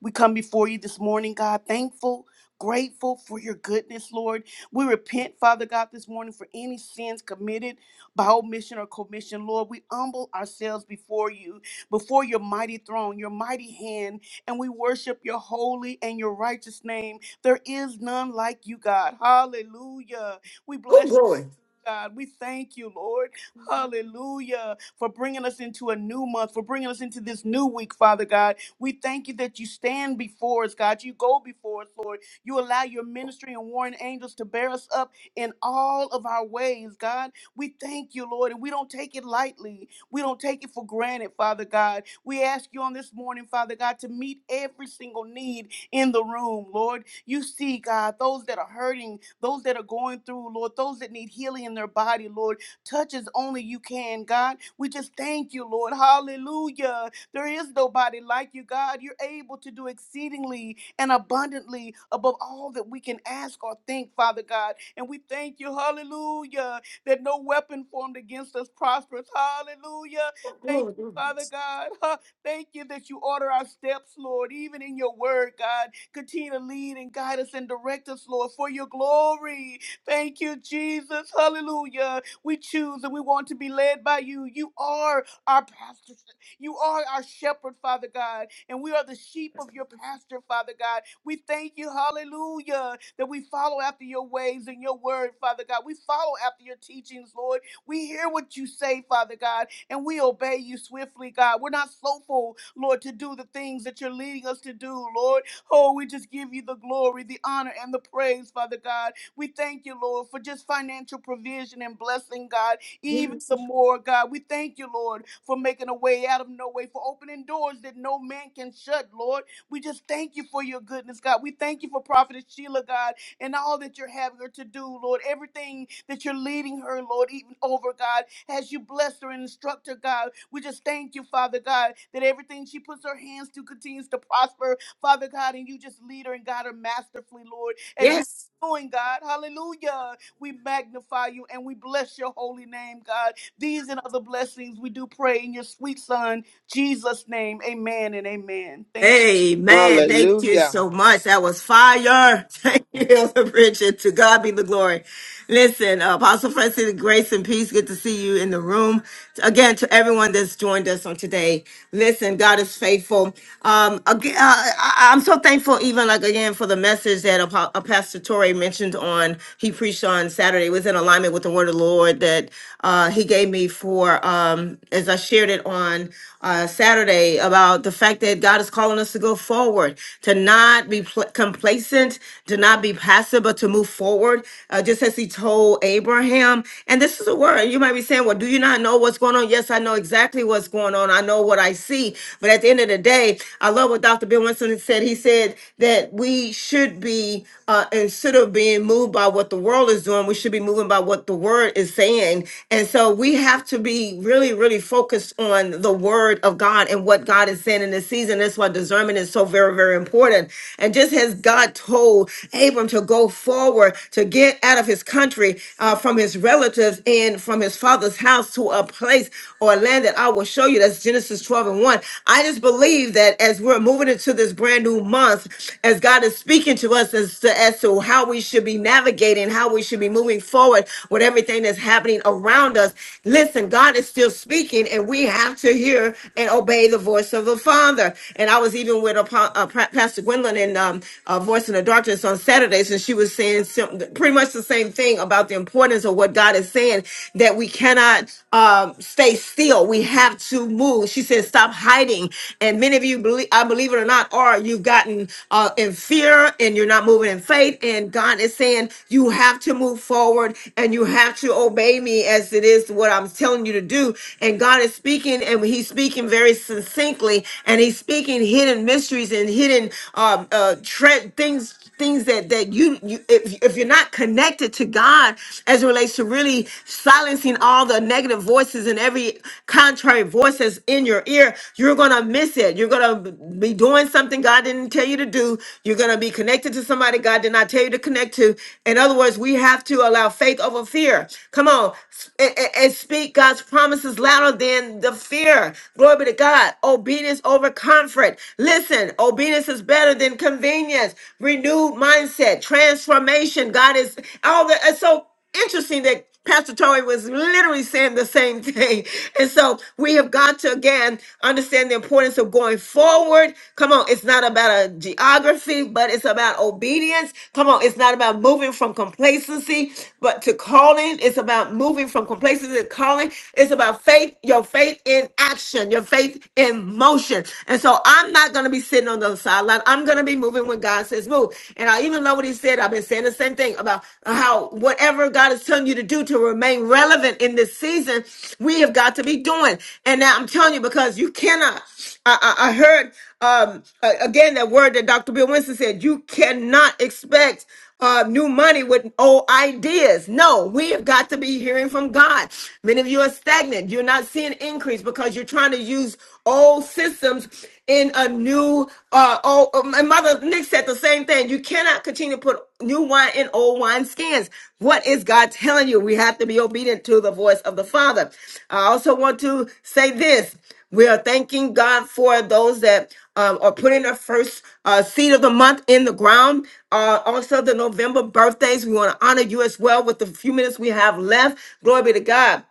[SPEAKER 12] We come before you this morning, God, thankful, grateful for your goodness, Lord. We repent, Father God, this morning for any sins committed by omission or commission, Lord. We humble ourselves before you, before your mighty throne, your mighty hand, and we worship your holy and your righteous name. There is none like you, God. Hallelujah. We bless.
[SPEAKER 1] Oh, glory.
[SPEAKER 12] God, we thank you, Lord. Hallelujah. For bringing us into a new month, for bringing us into this new week, Father God. We thank you that you stand before us, God. You go before us, Lord. You allow your ministry and warring angels to bear us up in all of our ways, God. We thank you, Lord, and we don't take it lightly. We don't take it for granted, Father God. We ask you on this morning, Father God, to meet every single need in the room, Lord. You see, God, those that are hurting, those that are going through, Lord, those that need healing in their body, Lord. Touch as only you can, God. We just thank you, Lord. Hallelujah. There is nobody like you, God. You're able to do exceedingly and abundantly above all that we can ask or think, Father God. And we thank you, hallelujah, that no weapon formed against us prospers. Hallelujah. Thank you. Father God, Thank you that you order our steps, Lord, even in your word, God. Continue to lead and guide us and direct us, Lord, for your glory. Thank you, Jesus. Hallelujah. We choose and we want to be led by you. You are our pastor. You are our shepherd, Father God, and we are the sheep of your pasture, Father God. We thank you, hallelujah, that we follow after your ways and your word, Father God. We follow after your teachings, Lord. We hear what you say, Father God and we obey you swiftly, God. We're not slowful, Lord, to do the things that you're leading us to do, Lord. Oh, we just give you the glory, the honor, and the praise, Father God. We thank you, Lord, for just financial provision and blessing, God, even the more, God. We thank you, Lord, for making a way out of no way, for opening doors that no man can shut, Lord. We just thank you for your goodness, God. We thank you for Prophetess Sheila, God and all that you're having her to do, Lord. Everything that you're leading her, Lord, even over, God, as you bless her and instruct her, God. We just thank you, Father God, that everything she puts her hands to continues to prosper, Father God, and you just lead her and guide her masterfully, Lord, as you
[SPEAKER 1] Yes.
[SPEAKER 12] doing, God. Hallelujah. We magnify you and we bless your holy name, God. These and other blessings we do pray in your sweet son, Jesus' name. Amen and amen. Thank you.
[SPEAKER 1] Amen. Thank you so much. That was fire. Thank you, Elder Bridget. To God be the glory. Listen, uh, Apostle Francis, grace and peace. Good to see you in the room. Again, to everyone that's joined us on today. Listen, God is faithful. Um, again, uh, I, I'm so thankful, even like again, for the message that Apo- uh, Pastor Torrey mentioned on, he preached on Saturday. It was in alignment with the word of the Lord that uh, he gave me for, um, as I shared it on uh, Saturday about the fact like that. God is calling us to go forward, to not be pl- complacent, to not be passive, but to move forward, uh, just as He told Abraham. And this is a word. You might be saying, Well, do you not know what's going on? Yes, I know exactly what's going on. I know what I see. But at the end of the day, I love what Dr. Bill Winston said. He said that we should be, uh, instead of being moved by what the world is doing, we should be moving by what the word is saying. And so we have to be really, really focused on the word of God and what God God is saying in this season. That's why discernment is so very, very important. And just as God told Abram to go forward, to get out of his country, uh, from his relatives and from his father's house to a place or a land that I will show you. That's Genesis 12 and 1. I just believe that as we're moving into this brand new month, as God is speaking to us as to, as to how we should be navigating, how we should be moving forward with everything that's happening around us. Listen, God is still speaking, and we have to hear and obey obey the voice of the Father. And I was even with a, uh, Pa- Pastor Gwendolyn in um, uh, Voice in the Darkness on Saturdays, and she was saying some, pretty much the same thing about the importance of what God is saying that we cannot um, stay still. We have to move. She said, "Stop hiding." And many of you, believe, I believe it or not, are you've gotten uh, in fear and you're not moving in faith. And God is saying, "You have to move forward and you have to obey me as it is what I'm telling you to do." And God is speaking, and He's he's speaking very succinctly and he's speaking hidden mysteries and hidden um, uh, tre- things things that that you, you if, if you're not connected to god as it relates to really silencing all the negative voices and every contrary voice that's in your ear you're gonna miss it you're gonna be doing something god didn't tell you to do you're gonna be connected to somebody god did not tell you to connect to in other words we have to allow faith over fear come on s- and, and and speak god's promises louder than the fear. Glory be to God. Obedience over comfort. Listen, obedience is better than convenience. Renewed mindset, transformation. God is all that. It's so interesting that Pastor Tory was literally saying the same thing. And so we have got to again understand the importance of going forward. Come on, it's not about a geography, but it's about obedience. Come on, it's not about moving from complacency, but to calling. It's about moving from complacency to calling. It's about faith faith, your faith in action, your faith in motion. And so I'm not going to be sitting on the sideline. I'm going to be moving when God says move. And I even know what he said. I've been saying the same thing about how whatever God is telling you to do to remain relevant in this season, we have got to be doing. And now I'm telling you because you cannot. I, I, I heard um, a- again that word that Dr. Bill Winston said, you cannot expect uh, new money with old ideas. No, we have got to be hearing from God. Many of you are stagnant. You're not seeing increase because you're trying to use old systems in a new. Uh, old, uh, my mother Nick said the same thing. You cannot continue to put new wine in old wine skins. What is God telling you? We have to be obedient to the voice of the Father. I also want to say this. We are thanking God for those that um, are putting their first uh, seed of the month in the ground. Uh, also, the November birthdays, we want to honor you as well with the few minutes we have left. Glory be to God.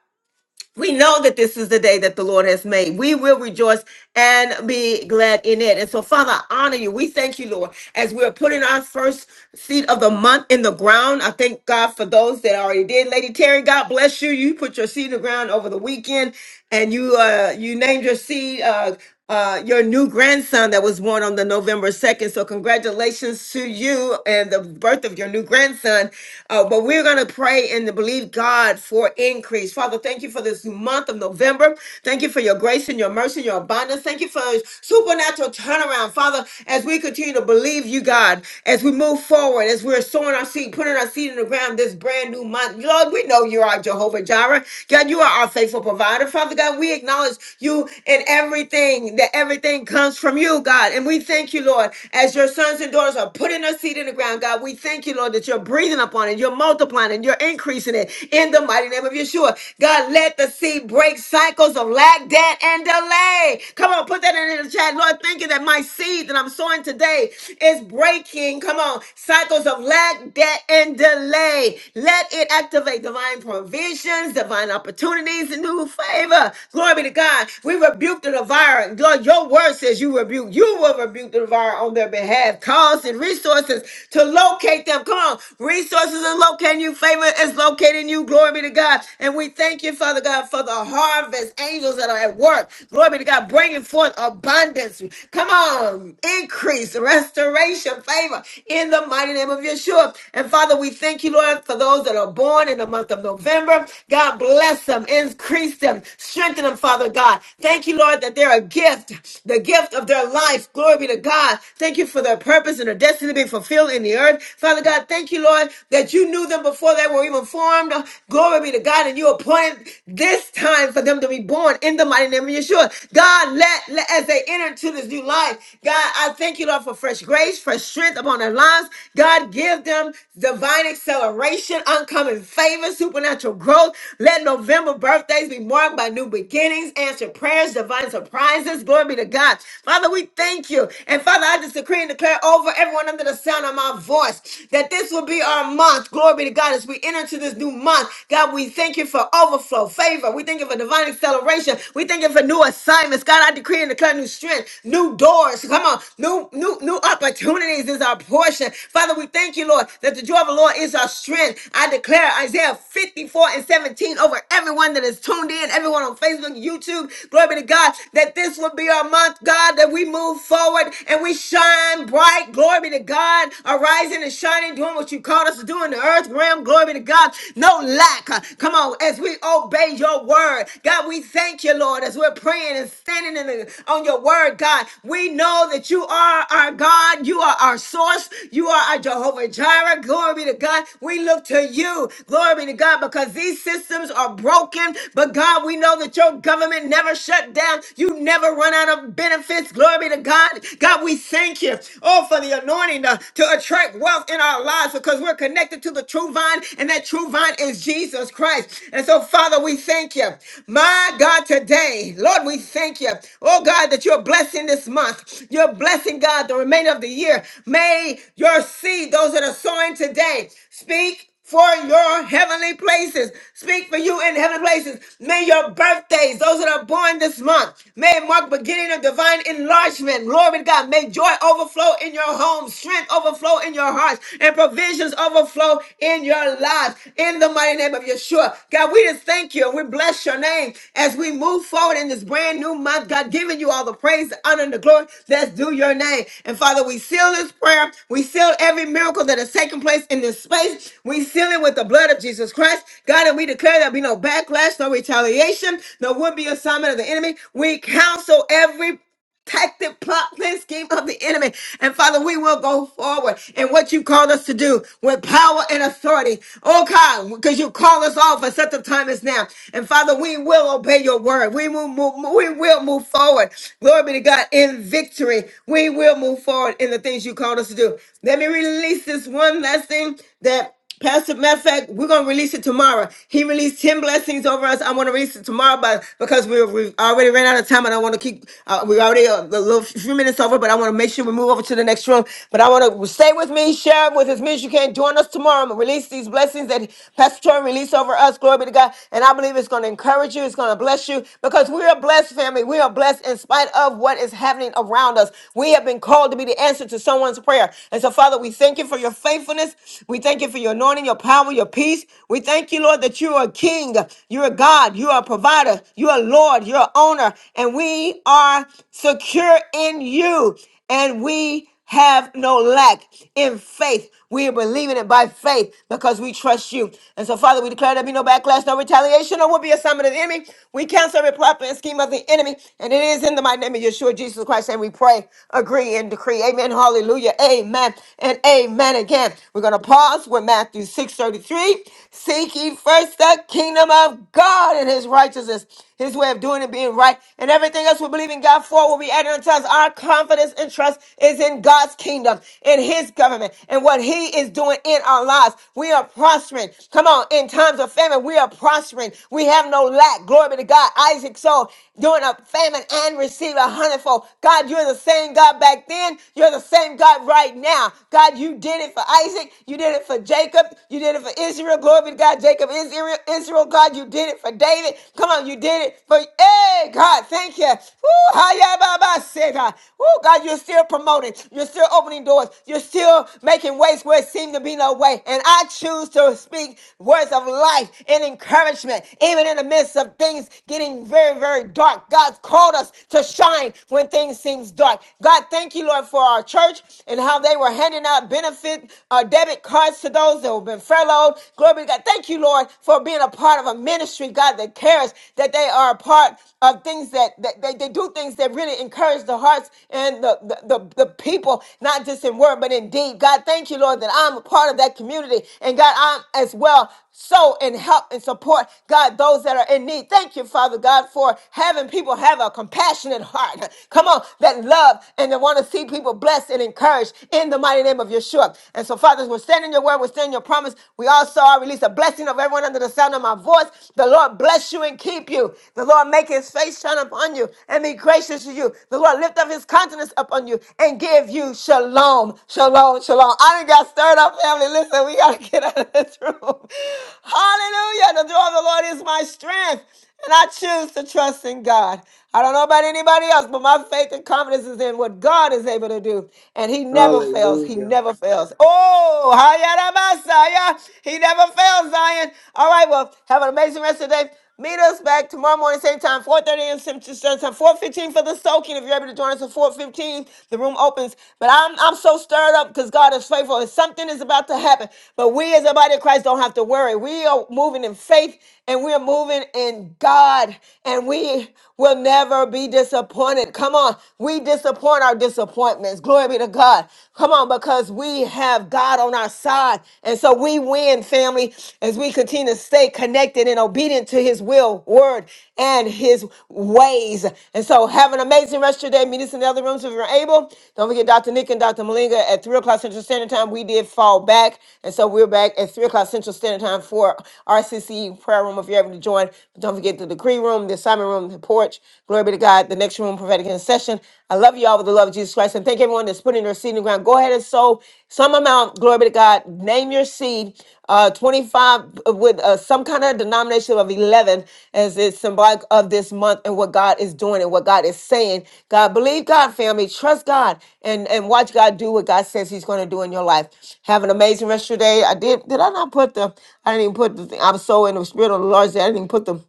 [SPEAKER 1] We know that this is the day that the Lord has made. We will rejoice and be glad in it. And so, Father, I honor you. We thank you, Lord, as we're putting our first seed of the month in the ground. I thank God for those that already did. Lady Terry, God bless you. You put your seed in the ground over the weekend and you uh you named your seed uh uh your new grandson that was born on the November 2nd. So congratulations to you and the birth of your new grandson. Uh, but we're gonna pray and to believe God for increase. Father, thank you for this month of November. Thank you for your grace and your mercy, your abundance. Thank you for supernatural turnaround, Father. As we continue to believe you, God, as we move forward, as we're sowing our seed, putting our seed in the ground this brand new month, Lord, we know you. You are Jehovah Jireh. God, you are our faithful provider. Father God, we acknowledge you in everything, that everything comes from you, God. And we thank you, Lord, as your sons and daughters are putting their seed in the ground, God. We thank you, Lord, that you're breathing upon it, you're multiplying it, you're increasing it in the mighty name of Yeshua. God, let the seed break cycles of lack, debt, and delay. Come on, put that in the chat. Lord, thank you that my seed that I'm sowing today is breaking, come on, cycles of lack, debt, get in delay. Let it activate divine provisions, divine opportunities, and new favor. Glory be to God. We rebuke the devourer. Lord, your word says you rebuke. You will rebuke the devourer on their behalf. Cause and resources to locate them. Come on. Resources are locating you. Favor is locating you. Glory be to God. And we thank you, Father God, for the harvest angels that are at work. Glory be to God, bringing forth abundance. Come on. Increase, restoration restoration, favor in the mighty name of Yeshua. And Father, we thank you, Lord, for those that are born in the month of November. God bless them, increase them, strengthen them, Father God. Thank you, Lord, that they're a gift, the gift of their life. Glory be to God. Thank you for their purpose and their destiny being fulfilled in the earth. Father God, thank you, Lord, that you knew them before they were even formed. Glory be to God. And you appointed this time for them to be born in the mighty name of Yeshua. God, let, let- as they they enter into this new life. God, I thank you, Lord, for fresh grace, fresh strength upon their lives. God, give them divine acceleration, uncommon favor, supernatural growth. Let November birthdays be marked by new beginnings, answered prayers, divine surprises. Glory be to God. Father, we thank you. And Father, I just decree and declare over everyone under the sound of my voice that this will be our month. Glory be to God as we enter into this new month. God, we thank you for overflow, favor. We thank you for divine acceleration acceleration. We thank for new assignments. God, I decree and declare new strength, new doors. Come on, new, new, new opportunities is our portion. Father, we thank you, Lord, that the joy of the Lord is our strength. I declare Isaiah 54 and 17 over everyone that is tuned in, everyone on Facebook, YouTube. Glory be to God, that this will be our month, God, that we move forward and we shine bright. Glory be to God, arising and shining, doing what you called us to do in the earth realm. Glory be to God. No lack lack. Uh, Come on, as we obey your word. God, we thank you, Lord, as we're praying and standing in the, on your word, God. We know that you are our God. You are our source. You are our Jehovah Jireh. Glory be to God. We look to you. Glory be to God because these systems are broken. But God, we know that your government never shut down. You never run out of benefits. Glory be to God. God, we thank you. Oh, for the anointing to, to attract wealth in our lives because because we're connected to the true vine, and that true vine is Jesus Christ. And so, Father, we thank you. My God, today, Lord, we thank you. Oh, God, that you're blessing this month. You're blessing, God, the remainder of the year. May your seed, those that are sowing today, speak for your heavenly places. Speak for you in heavenly places. May your birthdays, those that are born this month, may it mark beginning of divine enlargement. Glory to God. May joy overflow in your homes, strength overflow in your hearts, and provisions overflow in your lives. In the mighty name of Yeshua. God, we just thank you and we bless you bless your name as we move forward in this brand new month. God, giving you all the praise, the honor, and the glory. Let's do your name. And Father, we seal this prayer. We seal every miracle that has taken place in this space. We seal it with the blood of Jesus Christ. God, and we declare there be no backlash, no retaliation, no would be assignment of the enemy. We counsel every tactic, plot, plan, scheme of the enemy. And Father, we will go forward in what you called us to do with power and authority. Oh God, because you call us all for such a time as now. And Father, we will obey your word. We will move, we will move forward. Glory be to God in victory. We will move forward in the things you called us to do. Let me release this one lesson that Pastor, matter of fact, we're gonna release it tomorrow. He released ten blessings over us. I want to release it tomorrow, but because we we already ran out of time, and I want to keep uh, we already uh, a little few minutes over, but I want to make sure we move over to the next room. But I want to stay with me, share with as many as you can. Join us tomorrow. I'm gonna release these blessings that Pastor Troy released over us. Glory be to God, and I believe it's gonna encourage you. It's gonna bless you because we are blessed, family. We are blessed in spite of what is happening around us. We have been called to be the answer to someone's prayer, and so Father, we thank you for your faithfulness faithfulness. We thank you for your anointing, your power, your peace. We thank you, Lord, that you are a king, you're a God, you are a provider, you are Lord, you're an owner, and we are secure in you. And we have no lack in faith. We are believing it by faith because we trust you. And so, Father, we declare there be no backlash, no retaliation, or will be a assignment of the enemy. We cancel every plot and scheme of the enemy. And it is in the mighty name of Yeshua, Jesus Christ, and we pray, agree, and decree. Amen. Hallelujah. Amen. And and amen again. We're going to pause with Matthew 6.33. Seek ye first the kingdom of God and his righteousness, his way of doing and being right, and everything else we believe in God for will be added unto us. Our confidence and trust is in God's kingdom, in his government, and what he is doing in our lives. We are prospering. Come on, in times of famine, we are prospering. We have no lack. Glory be to God. Isaac sold during a famine and received a hundredfold. God, you're the same God back then. You're the same God Lord God, right now. God, you did it for Isaac. You did it for Jacob. You did it for Israel. Glory be to God. Jacob is Israel. Israel, God, you did it for David. Come on, you did it for, hey, God, thank you. Woo, hiya, ba, ba, say, God. Woo, God, you're still promoting. You're still opening doors. You're still making ways where it seemed to be no way. And I choose to speak words of life and encouragement, even in the midst of things getting very, very dark. God's called us to shine when things seem dark. God, thank you Thank you, Lord, for our church and how they were handing out benefit uh, debit cards to those that have been furloughed. Glory be to God. Thank you, Lord, for being a part of a ministry, God, that cares that they are a part of things that, that they, they do things that really encourage the hearts and the, the, the, the people, not just in word, but in deed. God, thank you, Lord, that I'm a part of that community. And God, I'm as well sow and help and support, God, those that are in need. Thank you, Father God, for having people have a compassionate heart. Come on, that love and that want to see people blessed and encouraged in the mighty name of Yeshua. And so, Father, we're standing your word, we're standing your promise. We also are release a blessing of everyone under the sound of my voice. The Lord bless you and keep you. The Lord make his face shine upon you and be gracious to you. The Lord lift up his countenance upon you and give you you. Shalom. Shalom. Shalom. I done got stirred up, family. Listen, we got to get out of this room. Hallelujah. The joy of the Lord is my strength. And I choose to trust in God. I don't know about anybody else, but my faith and confidence is in what God is able to do. And He never fails. He
[SPEAKER 6] Hallelujah.
[SPEAKER 1] never fails. Oh, Hayarabasaya. He never fails, Zion. All right, well, have an amazing rest of the day. Meet us back tomorrow morning, same time, 4.30 a.m. Central Time, 4.15 for the soaking. If you're able to join us at 4.15, the room opens. But I'm, I'm so stirred up because God is faithful and something is about to happen. But we as a body of Christ don't have to worry. We are moving in faith and we're moving in God and we will never be disappointed. Come on. We disappoint our disappointments. Glory be to God. Come on, because we have God on our side side. And so we win, family, as we continue to stay connected and obedient to his will, word, and his ways. And so have an amazing rest of your day. Meet us in the other rooms if you're able. Don't forget Dr. Nick and Dr. Malinga at 3 o'clock Central Standard Time. We did fall back. And so we're back at 3 o'clock Central Standard Time for RCC prayer room if you're able to join. But don't forget the decree room, the assignment room, the porch. Glory be to God. The next room, prophetic intercession. I love love you all with the love of Jesus Christ. And thank everyone that's putting their seed in the ground. Go ahead and sow some amount. Glory be to God. Name your seed. Uh, 25 with uh, some kind of denomination of 11 as it's symbolic of this month and what God is doing and what God is saying. God, believe God, family. Trust God and, and watch God do what God says He's going to do in your life. Have an amazing rest of your day. I did. Did I not put the, I didn't even put the thing. I'm so in the spirit of the Lord. that I didn't even put the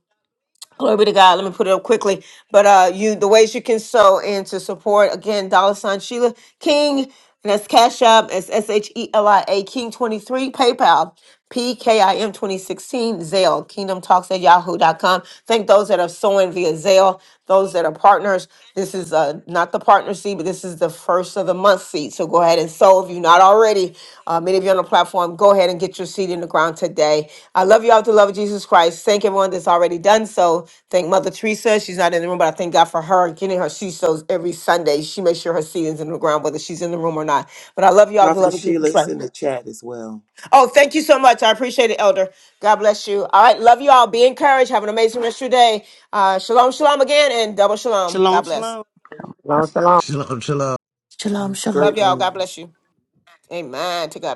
[SPEAKER 1] Glory be to God. Let me put it up quickly. But uh you the ways you can sow and to support again, dollar sign Sheila King. And that's Cash App. It's S H E L I A King 23 PayPal. PKIM 2016 Zelle. Kingdom Talks at yahoo dot com. Thank those that are sowing via Zelle, those that are partners. This is uh not the partner partner seed, but this is the first of the month seed. So go ahead and sow if you're not already. Uh, many of you on the platform, go ahead and get your seed in the ground today. I love you all to the love of Jesus Christ. Thank everyone that's already done so. Thank Mother Teresa. She's not in the room, but I thank God for her getting her seed sows every Sunday. She makes sure her seed is in the ground, whether she's in the room or not. But I love you all to the
[SPEAKER 6] Prophet
[SPEAKER 1] love of Jesus
[SPEAKER 6] Sheila is
[SPEAKER 1] Christ.
[SPEAKER 6] in the chat as well.
[SPEAKER 1] Oh, thank you so much. I appreciate it, Elder. God bless you. All right. Love you all. Be encouraged. Have an amazing rest of your day. Uh, shalom, shalom again, and double shalom. God
[SPEAKER 12] Shalom, shalom.
[SPEAKER 1] bless.
[SPEAKER 11] se.
[SPEAKER 14] Chill out, chill out.
[SPEAKER 15] Shalom, shalom.
[SPEAKER 1] Love
[SPEAKER 6] Great
[SPEAKER 1] y'all. God
[SPEAKER 6] room.
[SPEAKER 1] bless you. Amen. To God